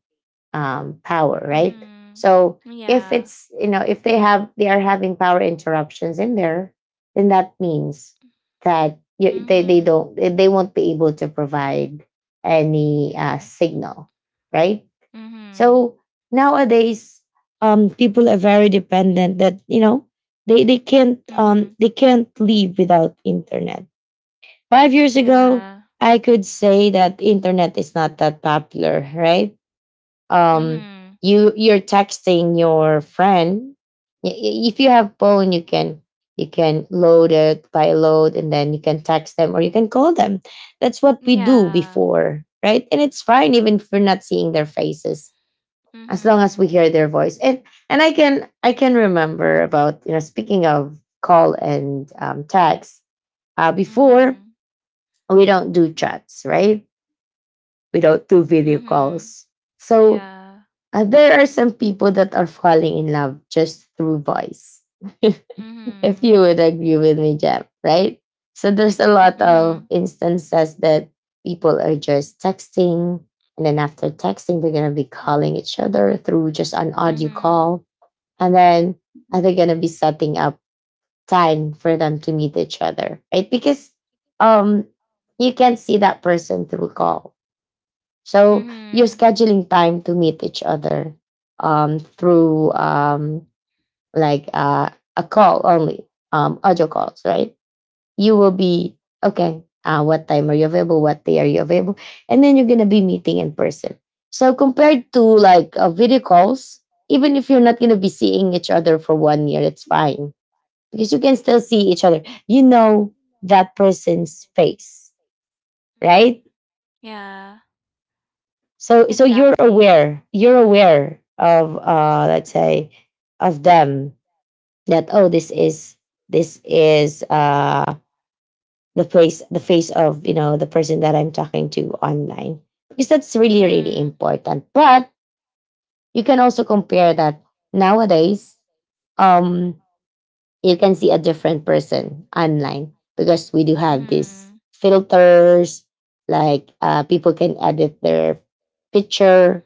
[SPEAKER 1] power, right?
[SPEAKER 2] Mhm.
[SPEAKER 1] So if
[SPEAKER 2] Yeah.
[SPEAKER 1] it's you know if they are having power interruptions in there, then that means that you, they
[SPEAKER 2] Mhm.
[SPEAKER 1] don't they won't be able to provide any signal, right?
[SPEAKER 2] Mhm.
[SPEAKER 1] So nowadays people are very dependent that you know
[SPEAKER 2] Mhm.
[SPEAKER 1] they can't live without internet. 5 years ago,
[SPEAKER 2] Yeah.
[SPEAKER 1] I could say that internet is not that popular, right? Um,
[SPEAKER 2] Mhm.
[SPEAKER 1] you you're texting your friend. If you have phone, you can load it by load, and then you can text them or you can call them. That's what we do
[SPEAKER 2] Yeah.
[SPEAKER 1] before, right? And it's fine even if we're not seeing their faces, as long as
[SPEAKER 2] Mhm.
[SPEAKER 1] we hear their voice. And I can remember about you know speaking of call and text, before
[SPEAKER 2] Mhm.
[SPEAKER 1] we don't do chats, right? We don't do video
[SPEAKER 2] Mhm.
[SPEAKER 1] calls. So
[SPEAKER 2] Yeah.
[SPEAKER 1] there are some people that are falling in love just through voice. If you
[SPEAKER 2] Mhm.
[SPEAKER 1] would agree with me, Jeb, right? So there's a lot of
[SPEAKER 2] Mhm.
[SPEAKER 1] instances that people are just texting, and then after texting, they're gonna be calling each other through just an audio
[SPEAKER 2] Mhm.
[SPEAKER 1] call, and then are they gonna be setting up time for them to meet each other, right? Because um, you can't see that person through call, so
[SPEAKER 2] Mhm.
[SPEAKER 1] you're
[SPEAKER 2] Mhm.
[SPEAKER 1] scheduling time to meet each other through like a call only, audio calls, right? You will be okay. What time are you available? What day are you available?
[SPEAKER 2] Mhm.
[SPEAKER 1] And then you're gonna be meeting in person. So compared to like video calls, even if you're not gonna be seeing each other for 1 year, it's fine because you can still see each other. You know that person's face, right?
[SPEAKER 2] Yeah.
[SPEAKER 1] So you're
[SPEAKER 2] Exactly.
[SPEAKER 1] aware, you're aware of let's say of them that oh, this is the face of the person that I'm talking to online, because that's really, really
[SPEAKER 2] Mhm.
[SPEAKER 1] important. But you can also compare that nowadays. um you can see a different person online because we do have these
[SPEAKER 2] Mhm.
[SPEAKER 1] filters. Like people can edit their picture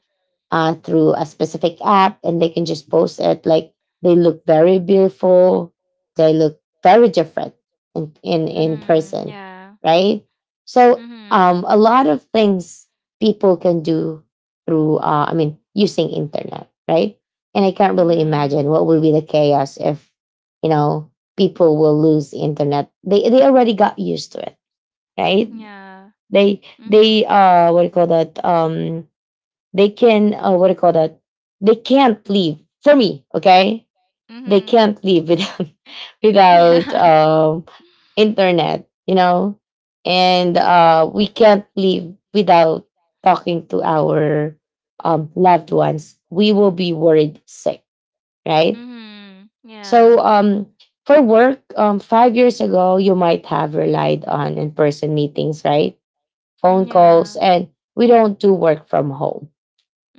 [SPEAKER 1] through a specific app, and they can just post it. Like, they look very beautiful, they look very different in
[SPEAKER 2] Mhm.
[SPEAKER 1] person,
[SPEAKER 2] Yeah.
[SPEAKER 1] right? So
[SPEAKER 2] Mhm.
[SPEAKER 1] a lot of things people can do through, I mean, using internet, right? And I can't really imagine
[SPEAKER 2] Mhm.
[SPEAKER 1] what would be the chaos if, you know, people will lose internet. They already got used to it, right?
[SPEAKER 2] Yeah.
[SPEAKER 1] they they
[SPEAKER 2] Mhm.
[SPEAKER 1] uh what do you call that? They can, what do you call that? They can't leave, for me, okay, they
[SPEAKER 2] Mhm.
[SPEAKER 1] can't live without without
[SPEAKER 2] Yeah.
[SPEAKER 1] um internet, you know. And uh, we can't live without talking to our loved ones. We will be worried sick, right?
[SPEAKER 2] Mhm.
[SPEAKER 1] So,
[SPEAKER 2] Yeah.
[SPEAKER 1] for work, 5 years ago, you might have relied on in person meetings, right? Phone
[SPEAKER 2] Mm,
[SPEAKER 1] calls, and we don't do work from home.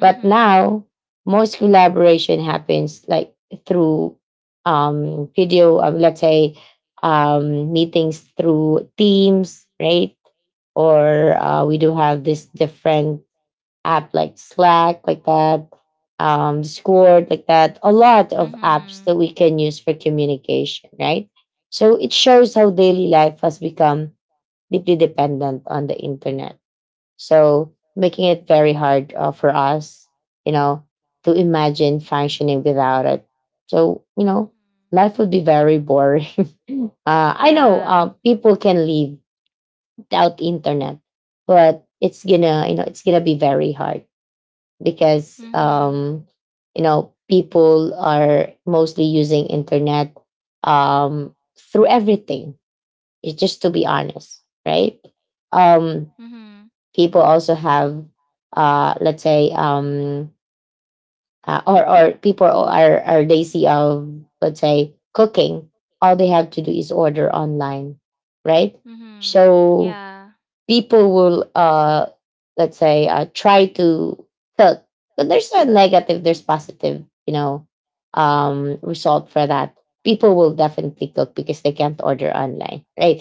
[SPEAKER 1] But now, most collaboration happens like through video, let's say meetings through Teams, right? Or we do have this different app like Slack, like that, Discord, like that. A lot of apps that we can use for communication, right? So it shows how daily life has become deeply dependent on the internet, so making it very hard for us, you know, to imagine functioning without it. So, you know, life would be very boring. I know
[SPEAKER 2] yeah.
[SPEAKER 1] people can live without internet, but it's gonna, it's gonna be very hard, because
[SPEAKER 2] Mhm.
[SPEAKER 1] you know, people are mostly using internet through everything. It's just to be honest, right? Um,
[SPEAKER 2] Mhm.
[SPEAKER 1] People also have, let's say, or people are lazy of, let's say, cooking. All they have to do is order online, right?
[SPEAKER 2] Mhm. Yeah. Mhm. Mhm. Mhm.
[SPEAKER 1] So
[SPEAKER 2] Yeah.
[SPEAKER 1] people will, let's say, try to cook, but there's no negative, there's positive, you know, result for that. People will definitely cook because they can't order online, right?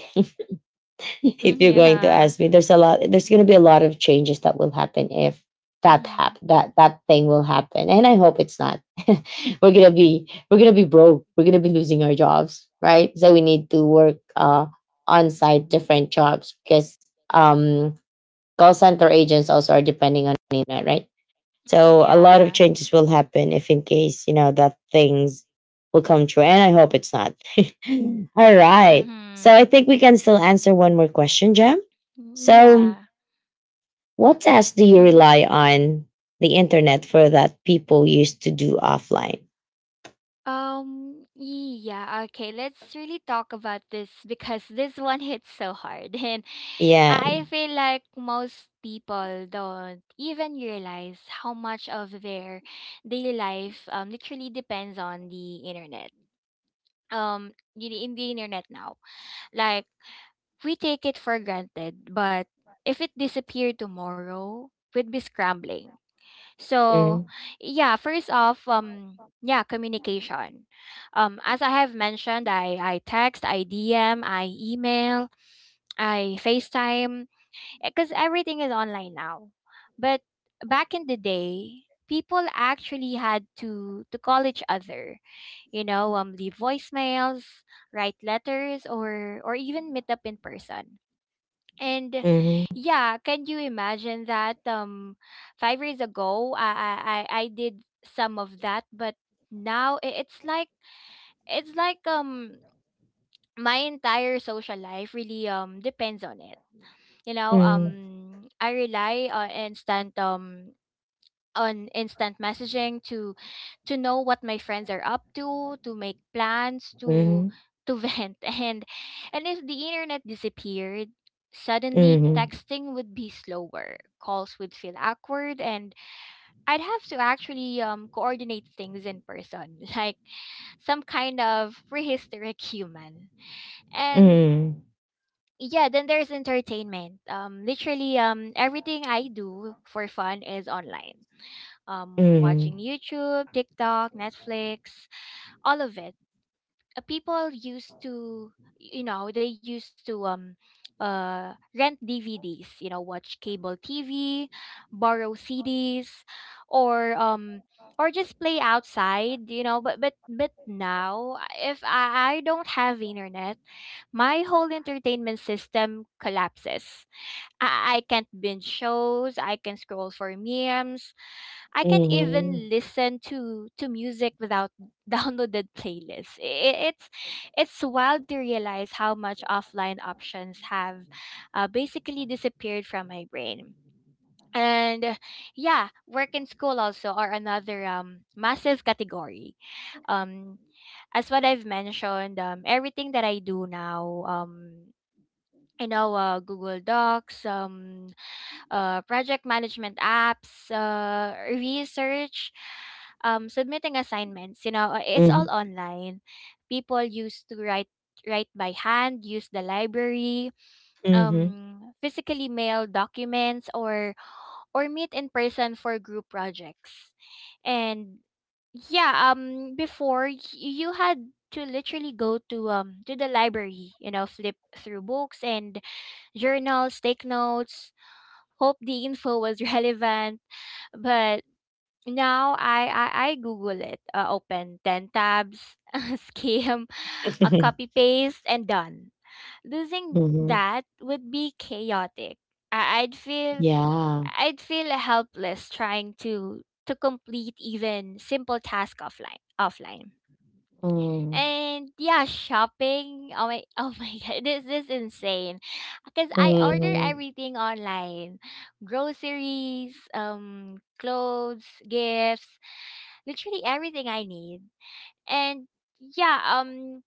[SPEAKER 1] If
[SPEAKER 2] Mm,
[SPEAKER 1] you're going to
[SPEAKER 2] yeah.
[SPEAKER 1] ask me, there's going to be a lot of changes that will happen if
[SPEAKER 2] Mhm.
[SPEAKER 1] that thing will happen, and I hope it's not. We're going to be, broke, we're going to be losing our jobs, right? So we need to work on site, different jobs, because um call center agents also are depending on the internet, right?
[SPEAKER 2] Mhm.
[SPEAKER 1] So a lot of
[SPEAKER 2] Yeah.
[SPEAKER 1] changes will happen if in case, you know, that things will come true. And I hope it's not. All right. So I
[SPEAKER 2] Mhm.
[SPEAKER 1] think we can still answer one more question, Jam.
[SPEAKER 2] Mm,
[SPEAKER 1] So
[SPEAKER 2] yeah.
[SPEAKER 1] what tasks do you
[SPEAKER 2] Mhm.
[SPEAKER 1] rely on the internet for that people used to do offline?
[SPEAKER 2] Yeah, okay, let's really talk about this because this one hits so hard. And
[SPEAKER 1] Yeah.
[SPEAKER 2] I feel like most people don't even realize how much of their daily life literally depends on the internet. In the internet now. Like we take it for granted, but if it disappeared tomorrow, we'd be scrambling. So,
[SPEAKER 1] Mm-hmm.
[SPEAKER 2] yeah, first off, yeah, communication. As I have mentioned, I text, I DM, I email, I FaceTime, because everything is online now. But back in the day, people actually had to call each other, leave voicemails, write letters, or even meet up in person. And
[SPEAKER 1] Mm-hmm.
[SPEAKER 2] yeah, can you imagine that? 5 years ago, I did some of that, but now it's like it's like um my entire social life really depends on it. I rely on instant messaging to know what my friends are up to make plans, to
[SPEAKER 1] Mm-hmm.
[SPEAKER 2] to vent. And if the internet disappeared, suddenly
[SPEAKER 1] Mm-hmm.
[SPEAKER 2] texting would be slower, calls would feel awkward, and I'd have to actually coordinate things in person, like some kind of prehistoric human. And
[SPEAKER 1] Mm-hmm.
[SPEAKER 2] yeah, then there's entertainment. Literally, everything I do for fun is online,
[SPEAKER 1] Mm-hmm.
[SPEAKER 2] watching YouTube, TikTok, Netflix, all of it. People used to, they used to rent DVDs, watch cable TV, borrow CDs, or um, or just play outside. But now, if I don't have internet, my whole entertainment system collapses. I can't binge shows. I can scroll for memes. I can't
[SPEAKER 1] Mm-hmm.
[SPEAKER 2] even listen to music without downloaded playlists. It's wild to realize how much offline options have basically disappeared from my brain. And yeah, work and school also are another massive category. Um, as what I've mentioned, everything that I do now, Google Docs, project management apps, research, submitting assignments. It's all online. People used to write by hand, use the library,
[SPEAKER 1] Mm-hmm.
[SPEAKER 2] physically mail documents, or meet in person for group projects. And yeah, before you had to literally go to the library, flip through books and journals, take notes, hope the info was relevant. But now I Google it. Open 10 tabs, skim, a copy paste, and done. Losing
[SPEAKER 1] Mm-hmm.
[SPEAKER 2] that would be chaotic. I, I'd feel
[SPEAKER 1] Yeah.
[SPEAKER 2] I'd feel helpless trying to complete even simple task offline.
[SPEAKER 1] Mm.
[SPEAKER 2] And yeah, shopping. Oh my, oh my god, this is insane. Cause I order
[SPEAKER 1] Mhm.
[SPEAKER 2] everything online, groceries, clothes, gifts, literally everything I need. And yeah,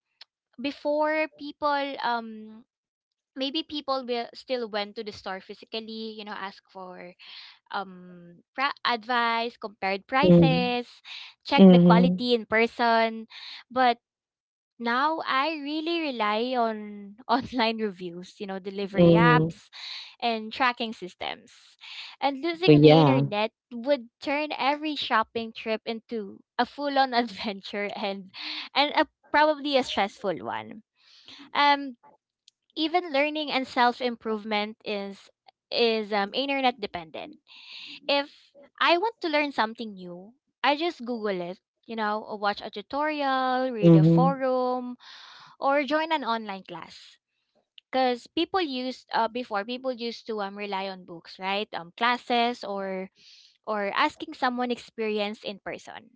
[SPEAKER 2] before um, maybe people will still went to the store physically, ask for advice, compared
[SPEAKER 1] Mhm.
[SPEAKER 2] prices, check the
[SPEAKER 1] Mhm.
[SPEAKER 2] quality in person, but now I really rely on online reviews, delivery
[SPEAKER 1] Mhm.
[SPEAKER 2] apps and tracking systems. And
[SPEAKER 1] But
[SPEAKER 2] losing the
[SPEAKER 1] yeah.
[SPEAKER 2] internet would turn every shopping trip into a full-on adventure and probably a stressful one. Um even learning and self-improvement is internet dependent. If I want to learn something new, I just google it, or watch a tutorial, read a
[SPEAKER 1] Mhm.
[SPEAKER 2] forum, or join an online class, because people used to rely on books, right, classes, or asking someone experienced in person.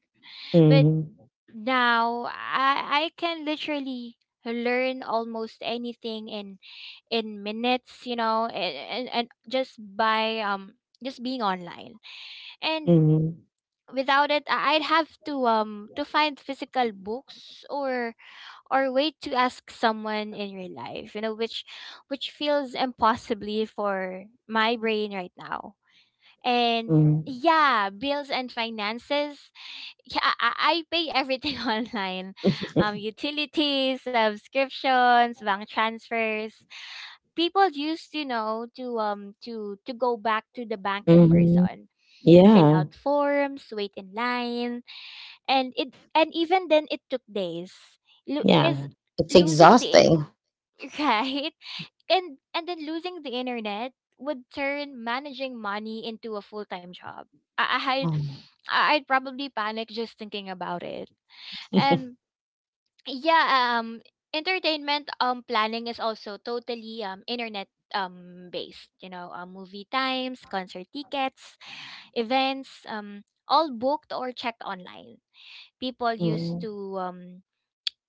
[SPEAKER 2] But
[SPEAKER 1] Mhm.
[SPEAKER 2] now I can literally learn almost anything in minutes, and just being online. And
[SPEAKER 1] Mhm.
[SPEAKER 2] without it, I'd have to find physical books, or wait to ask someone in your life, which feels impossibly for my brain right now. And
[SPEAKER 1] Mhm.
[SPEAKER 2] yeah, bills and finances. Yeah, I pay everything online, utilities, subscriptions, bank transfers. People used, to go back to the bank in
[SPEAKER 1] Mhm.
[SPEAKER 2] person, fill
[SPEAKER 1] Yeah.
[SPEAKER 2] out forms, wait in line. And it and even then, it took days, because
[SPEAKER 1] Yeah. It's
[SPEAKER 2] losing the
[SPEAKER 1] exhausting.
[SPEAKER 2] right. And then losing the internet would turn managing money into a full-time job. i i I'd, I'd probably panic just thinking about it. And yeah, um entertainment planning is also totally internet based, movie times, concert tickets, events, all booked or checked online. People used
[SPEAKER 1] Mhm.
[SPEAKER 2] to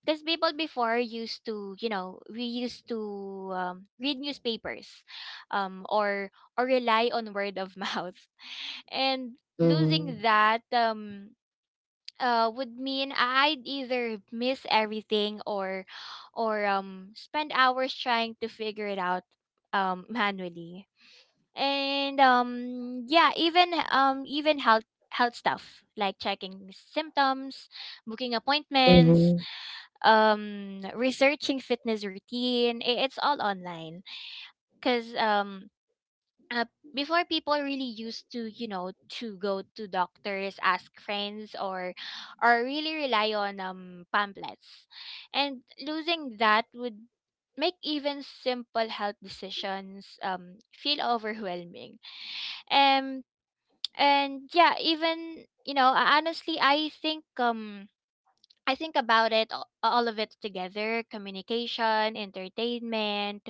[SPEAKER 2] because people before used to, we used to read newspapers, um, or or rely on word of mouth, and losing
[SPEAKER 1] Mhm.
[SPEAKER 2] that, would mean I'd either miss everything, or spend hours trying to figure it out manually. And yeah, even health stuff like checking symptoms, booking appointments,
[SPEAKER 1] Mhm.
[SPEAKER 2] researching fitness routine, it's all online, cuz uh, before people really used to, to go to doctors, ask friends, or really rely on pamphlets. And losing that would make even simple health decisions feel overwhelming. um and yeah, even honestly, I think about it, all of it together: communication, entertainment,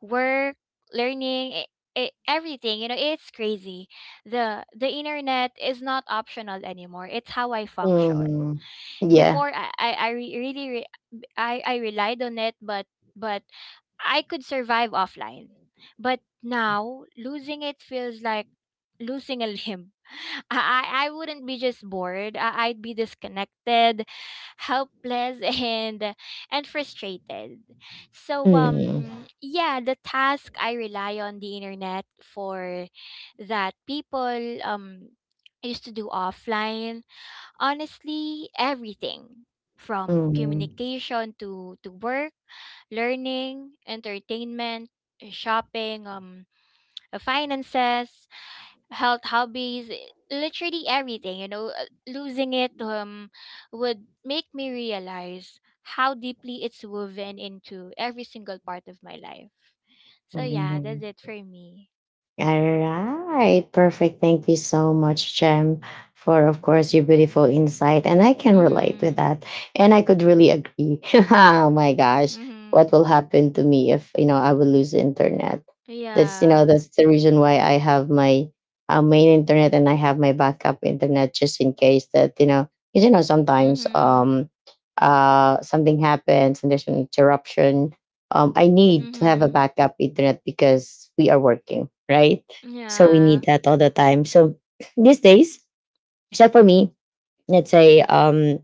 [SPEAKER 2] work, learning, it, everything. It's crazy. The internet is not optional anymore. It's how I function.
[SPEAKER 1] Mhm. Yeah.
[SPEAKER 2] Before I really re- I relied on it, but I could survive offline. But now losing it feels like losing a limb. I wouldn't be just bored. I'd be disconnected, helpless, and frustrated. So
[SPEAKER 1] Mhm.
[SPEAKER 2] yeah, the task I rely on the internet for that people used to do offline, honestly, everything from
[SPEAKER 1] Mhm.
[SPEAKER 2] communication to, work, learning, entertainment, shopping, finances, health, hobbies, literally everything. Losing it would make me realize how deeply it's woven into every single part of my life. So yeah, that's
[SPEAKER 1] Mhm.
[SPEAKER 2] it for me.
[SPEAKER 1] All right. Perfect. Thank you so much, Jem, for, of course, your beautiful insight. And I can relate with
[SPEAKER 2] Mhm.
[SPEAKER 1] that. And I could really agree. Oh my gosh.
[SPEAKER 2] Mhm.
[SPEAKER 1] What will happen to me if, you know, I will lose internet? That's, you know,
[SPEAKER 2] Yeah.
[SPEAKER 1] that's the reason why I have my main internet, and I have my backup internet, just in case that, you know, 'cause, you know, sometimes
[SPEAKER 2] Mhm.
[SPEAKER 1] something happens and there's an interruption. I need to have a
[SPEAKER 2] Mhm.
[SPEAKER 1] backup internet because we are working, right? So we need
[SPEAKER 2] Yeah.
[SPEAKER 1] that all the time. So these days, except for me, let's say, um,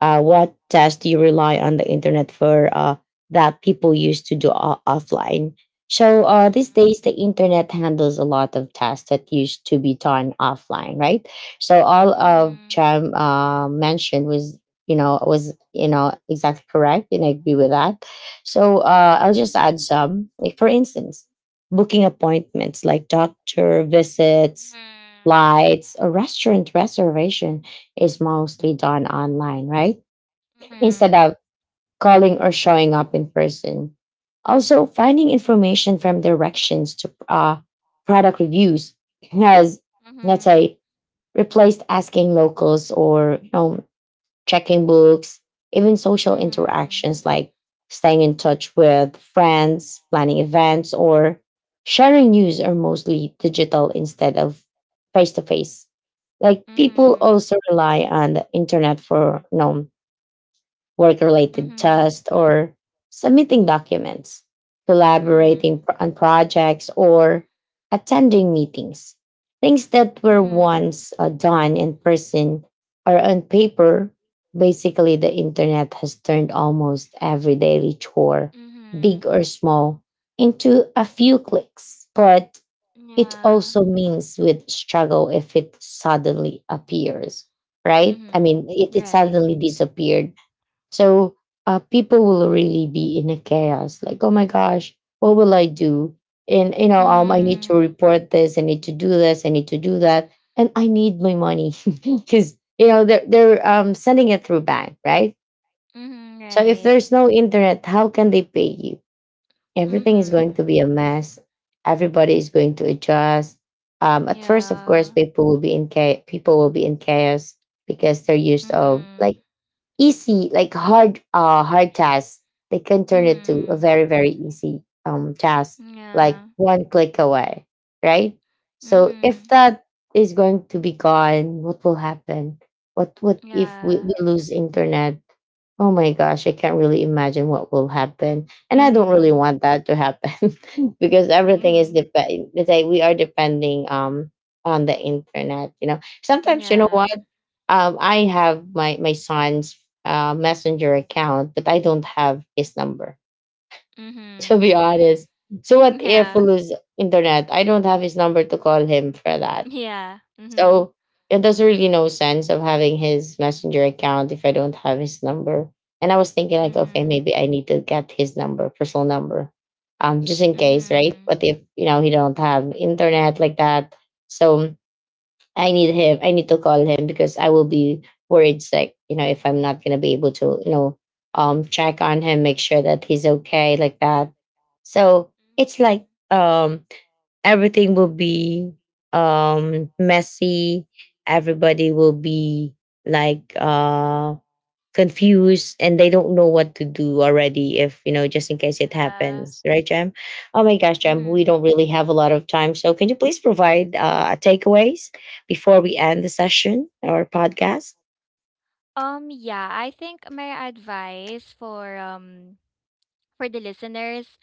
[SPEAKER 1] uh, what test do you rely on the internet for that people used to do o- offline? So these
[SPEAKER 2] Mhm.
[SPEAKER 1] days, the internet handles a lot of tests that used to be done offline, right? So all of
[SPEAKER 2] Mhm.
[SPEAKER 1] Jam mentioned was, you know, was, you know, exactly correct, and I agree with that. So I'll just add some, like, for instance, booking appointments like doctor visits, lights, or restaurant reservation is mostly done online, right? Instead
[SPEAKER 2] Mhm.
[SPEAKER 1] of calling or showing up in person. Also, finding information from directions to product reviews has, let's
[SPEAKER 2] Mhm.
[SPEAKER 1] say, replaced asking locals or, you know, checking books. Even social
[SPEAKER 2] Mhm.
[SPEAKER 1] interactions like staying in touch with friends, planning events, or sharing news are mostly digital instead of face to face. Like, people
[SPEAKER 2] Mhm.
[SPEAKER 1] also rely on the internet for, you know, work related
[SPEAKER 2] Mhm.
[SPEAKER 1] tasks, or submitting documents, collaborating
[SPEAKER 2] Mhm.
[SPEAKER 1] on projects, or attending meetings. Things that
[SPEAKER 2] Mhm.
[SPEAKER 1] were
[SPEAKER 2] Mhm.
[SPEAKER 1] once done in person are on paper. Basically, the internet has turned almost every daily chore,
[SPEAKER 2] Mhm.
[SPEAKER 1] big or small, into a few clicks. But it
[SPEAKER 2] Yeah.
[SPEAKER 1] also means with struggle if it suddenly appears, right? I
[SPEAKER 2] Mhm.
[SPEAKER 1] mean, it
[SPEAKER 2] Right.
[SPEAKER 1] suddenly disappeared. So people will really be in a chaos. Like, oh my gosh, what will I do? And you know, I need to
[SPEAKER 2] Mhm.
[SPEAKER 1] report this, I need to do this, I need to do that, and I need my money, because, you know, they're sending it through bank, right?
[SPEAKER 2] Mhm.
[SPEAKER 1] So if
[SPEAKER 2] Right.
[SPEAKER 1] there's no internet, how can they pay you? Everything is going to
[SPEAKER 2] Mhm.
[SPEAKER 1] be a mess. Everybody is going to adjust. At first, of course,
[SPEAKER 2] Yeah.
[SPEAKER 1] people will be in chaos. People will be in chaos because they're used of
[SPEAKER 2] Mhm.
[SPEAKER 1] like easy, like hard, hard tasks they can turn it to a
[SPEAKER 2] Mhm.
[SPEAKER 1] very, very easy task, like
[SPEAKER 2] Yeah.
[SPEAKER 1] one click away, right? So if
[SPEAKER 2] Mhm.
[SPEAKER 1] that is going to be gone, what will happen? What if we
[SPEAKER 2] Yeah.
[SPEAKER 1] lose internet? Oh my gosh, I can't really imagine what will happen, and I don't really
[SPEAKER 2] Mhm.
[SPEAKER 1] want that to happen. Because everything is
[SPEAKER 2] Mhm.
[SPEAKER 1] depend, it's like we are depending on the internet. You know, sometimes, you know what,
[SPEAKER 2] Yeah.
[SPEAKER 1] I have my son's messenger account, but I don't have his number. To
[SPEAKER 2] Mhm.
[SPEAKER 1] be honest, so what if we
[SPEAKER 2] Yeah.
[SPEAKER 1] lose internet? I don't have his number to call him for that.
[SPEAKER 2] Yeah. Mhm.
[SPEAKER 1] So it does not really, no sense of having his messenger account if I don't have his number. And I was thinking like, okay,
[SPEAKER 2] Mhm.
[SPEAKER 1] maybe I need to get his number, personal number, just in case, right?
[SPEAKER 2] Mhm.
[SPEAKER 1] But if, you know, he don't have internet like that, so I need him. I need to call him because I will be worried sick, you know, if I'm not going to be able to, you know, check on him, make sure that he's okay, like that. So it's like,
[SPEAKER 2] Mhm.
[SPEAKER 1] everything will be messy. Everybody will be like, confused, and they don't know what to do already, if, you know, just in case it
[SPEAKER 2] Yeah.
[SPEAKER 1] happens, right, Jam? Oh my gosh, Jam, we
[SPEAKER 2] Mm-hmm.
[SPEAKER 1] don't really have a lot of time, so can you please provide takeaways before we end the session or podcast?
[SPEAKER 2] Yeah, I think my advice for the listeners,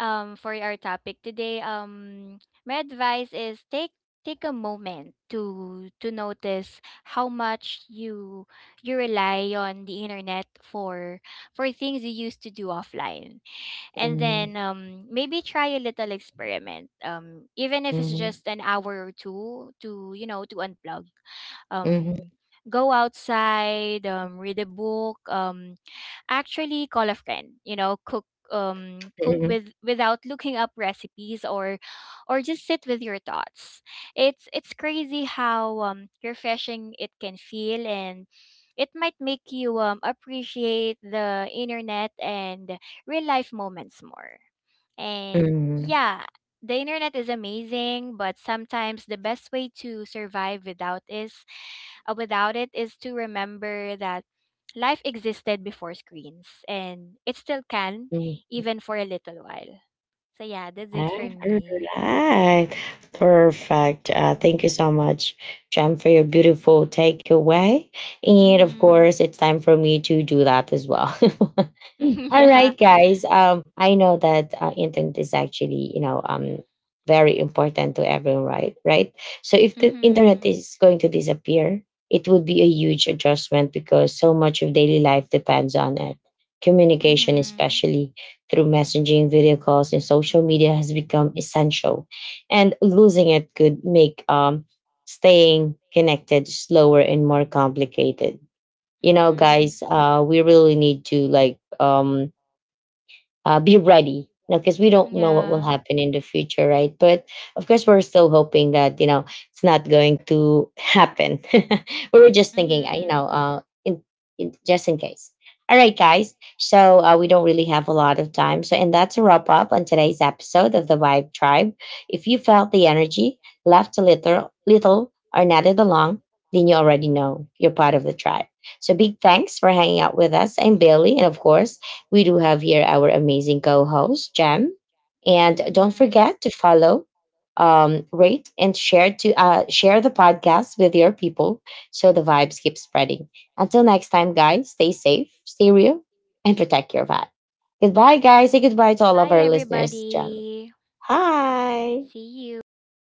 [SPEAKER 2] for our topic today, my advice is take a moment to notice how much you rely on the internet for things you used to do offline. And
[SPEAKER 1] Mm-hmm.
[SPEAKER 2] then, maybe try a little experiment, even if it's just an hour or two, to you know to unplug.
[SPEAKER 1] Mm-hmm.
[SPEAKER 2] um, Go outside, read a book, actually call a friend, cook, without looking up recipes, or just sit with your thoughts. It's crazy how refreshing it can feel. And it might make you appreciate the internet and real life moments more. And
[SPEAKER 1] Hmm.
[SPEAKER 2] yeah, the internet is amazing, but sometimes the best way to survive without it is to remember that life existed before screens, and it still can,
[SPEAKER 1] Hmm.
[SPEAKER 2] even for a little while. So yeah, that's it
[SPEAKER 1] All
[SPEAKER 2] for me.
[SPEAKER 1] right. Perfect. Thank you so much, Jem, for your beautiful takeaway. And of
[SPEAKER 2] Mhm.
[SPEAKER 1] course, it's time for me to do that as well. All
[SPEAKER 2] Yeah.
[SPEAKER 1] right, guys. I know that internet is actually, you know, very important to everyone, right? Right. So if the internet
[SPEAKER 2] Mhm.
[SPEAKER 1] is going to disappear, it would be a huge adjustment because so much of daily life depends on it. Communication,
[SPEAKER 2] Mhm.
[SPEAKER 1] especially through messaging, video calls, and social media has become essential. And losing it could make staying connected slower and more complicated. You know,
[SPEAKER 2] Mhm.
[SPEAKER 1] guys, we really need to like, be ready because we don't know what will
[SPEAKER 2] Yeah.
[SPEAKER 1] happen in the future, right? But of course, we're still hoping that, you know, it's not going to happen. We were just thinking, you
[SPEAKER 2] Mhm.
[SPEAKER 1] know, in, in just in case. All right, guys, so we don't really have a lot of time, so, and that's a wrap up on today's episode of The Vibe Tribe. If you felt the energy, left a little or nodded along, then you already know you're part of the tribe. So big thanks for hanging out with us. I'm Bailey, and of course, we do have here our amazing co host, Jam. And don't
[SPEAKER 2] Mhm.
[SPEAKER 1] forget to follow, rate, and share, to share the podcast with your people so the vibes keep spreading. Until next time, guys, stay safe, stay real, and protect your vibe. Goodbye, guys. Say goodbye to all of
[SPEAKER 2] Bye,
[SPEAKER 1] our listeners, Jam.
[SPEAKER 2] everybody.
[SPEAKER 1] Hi.
[SPEAKER 2] See you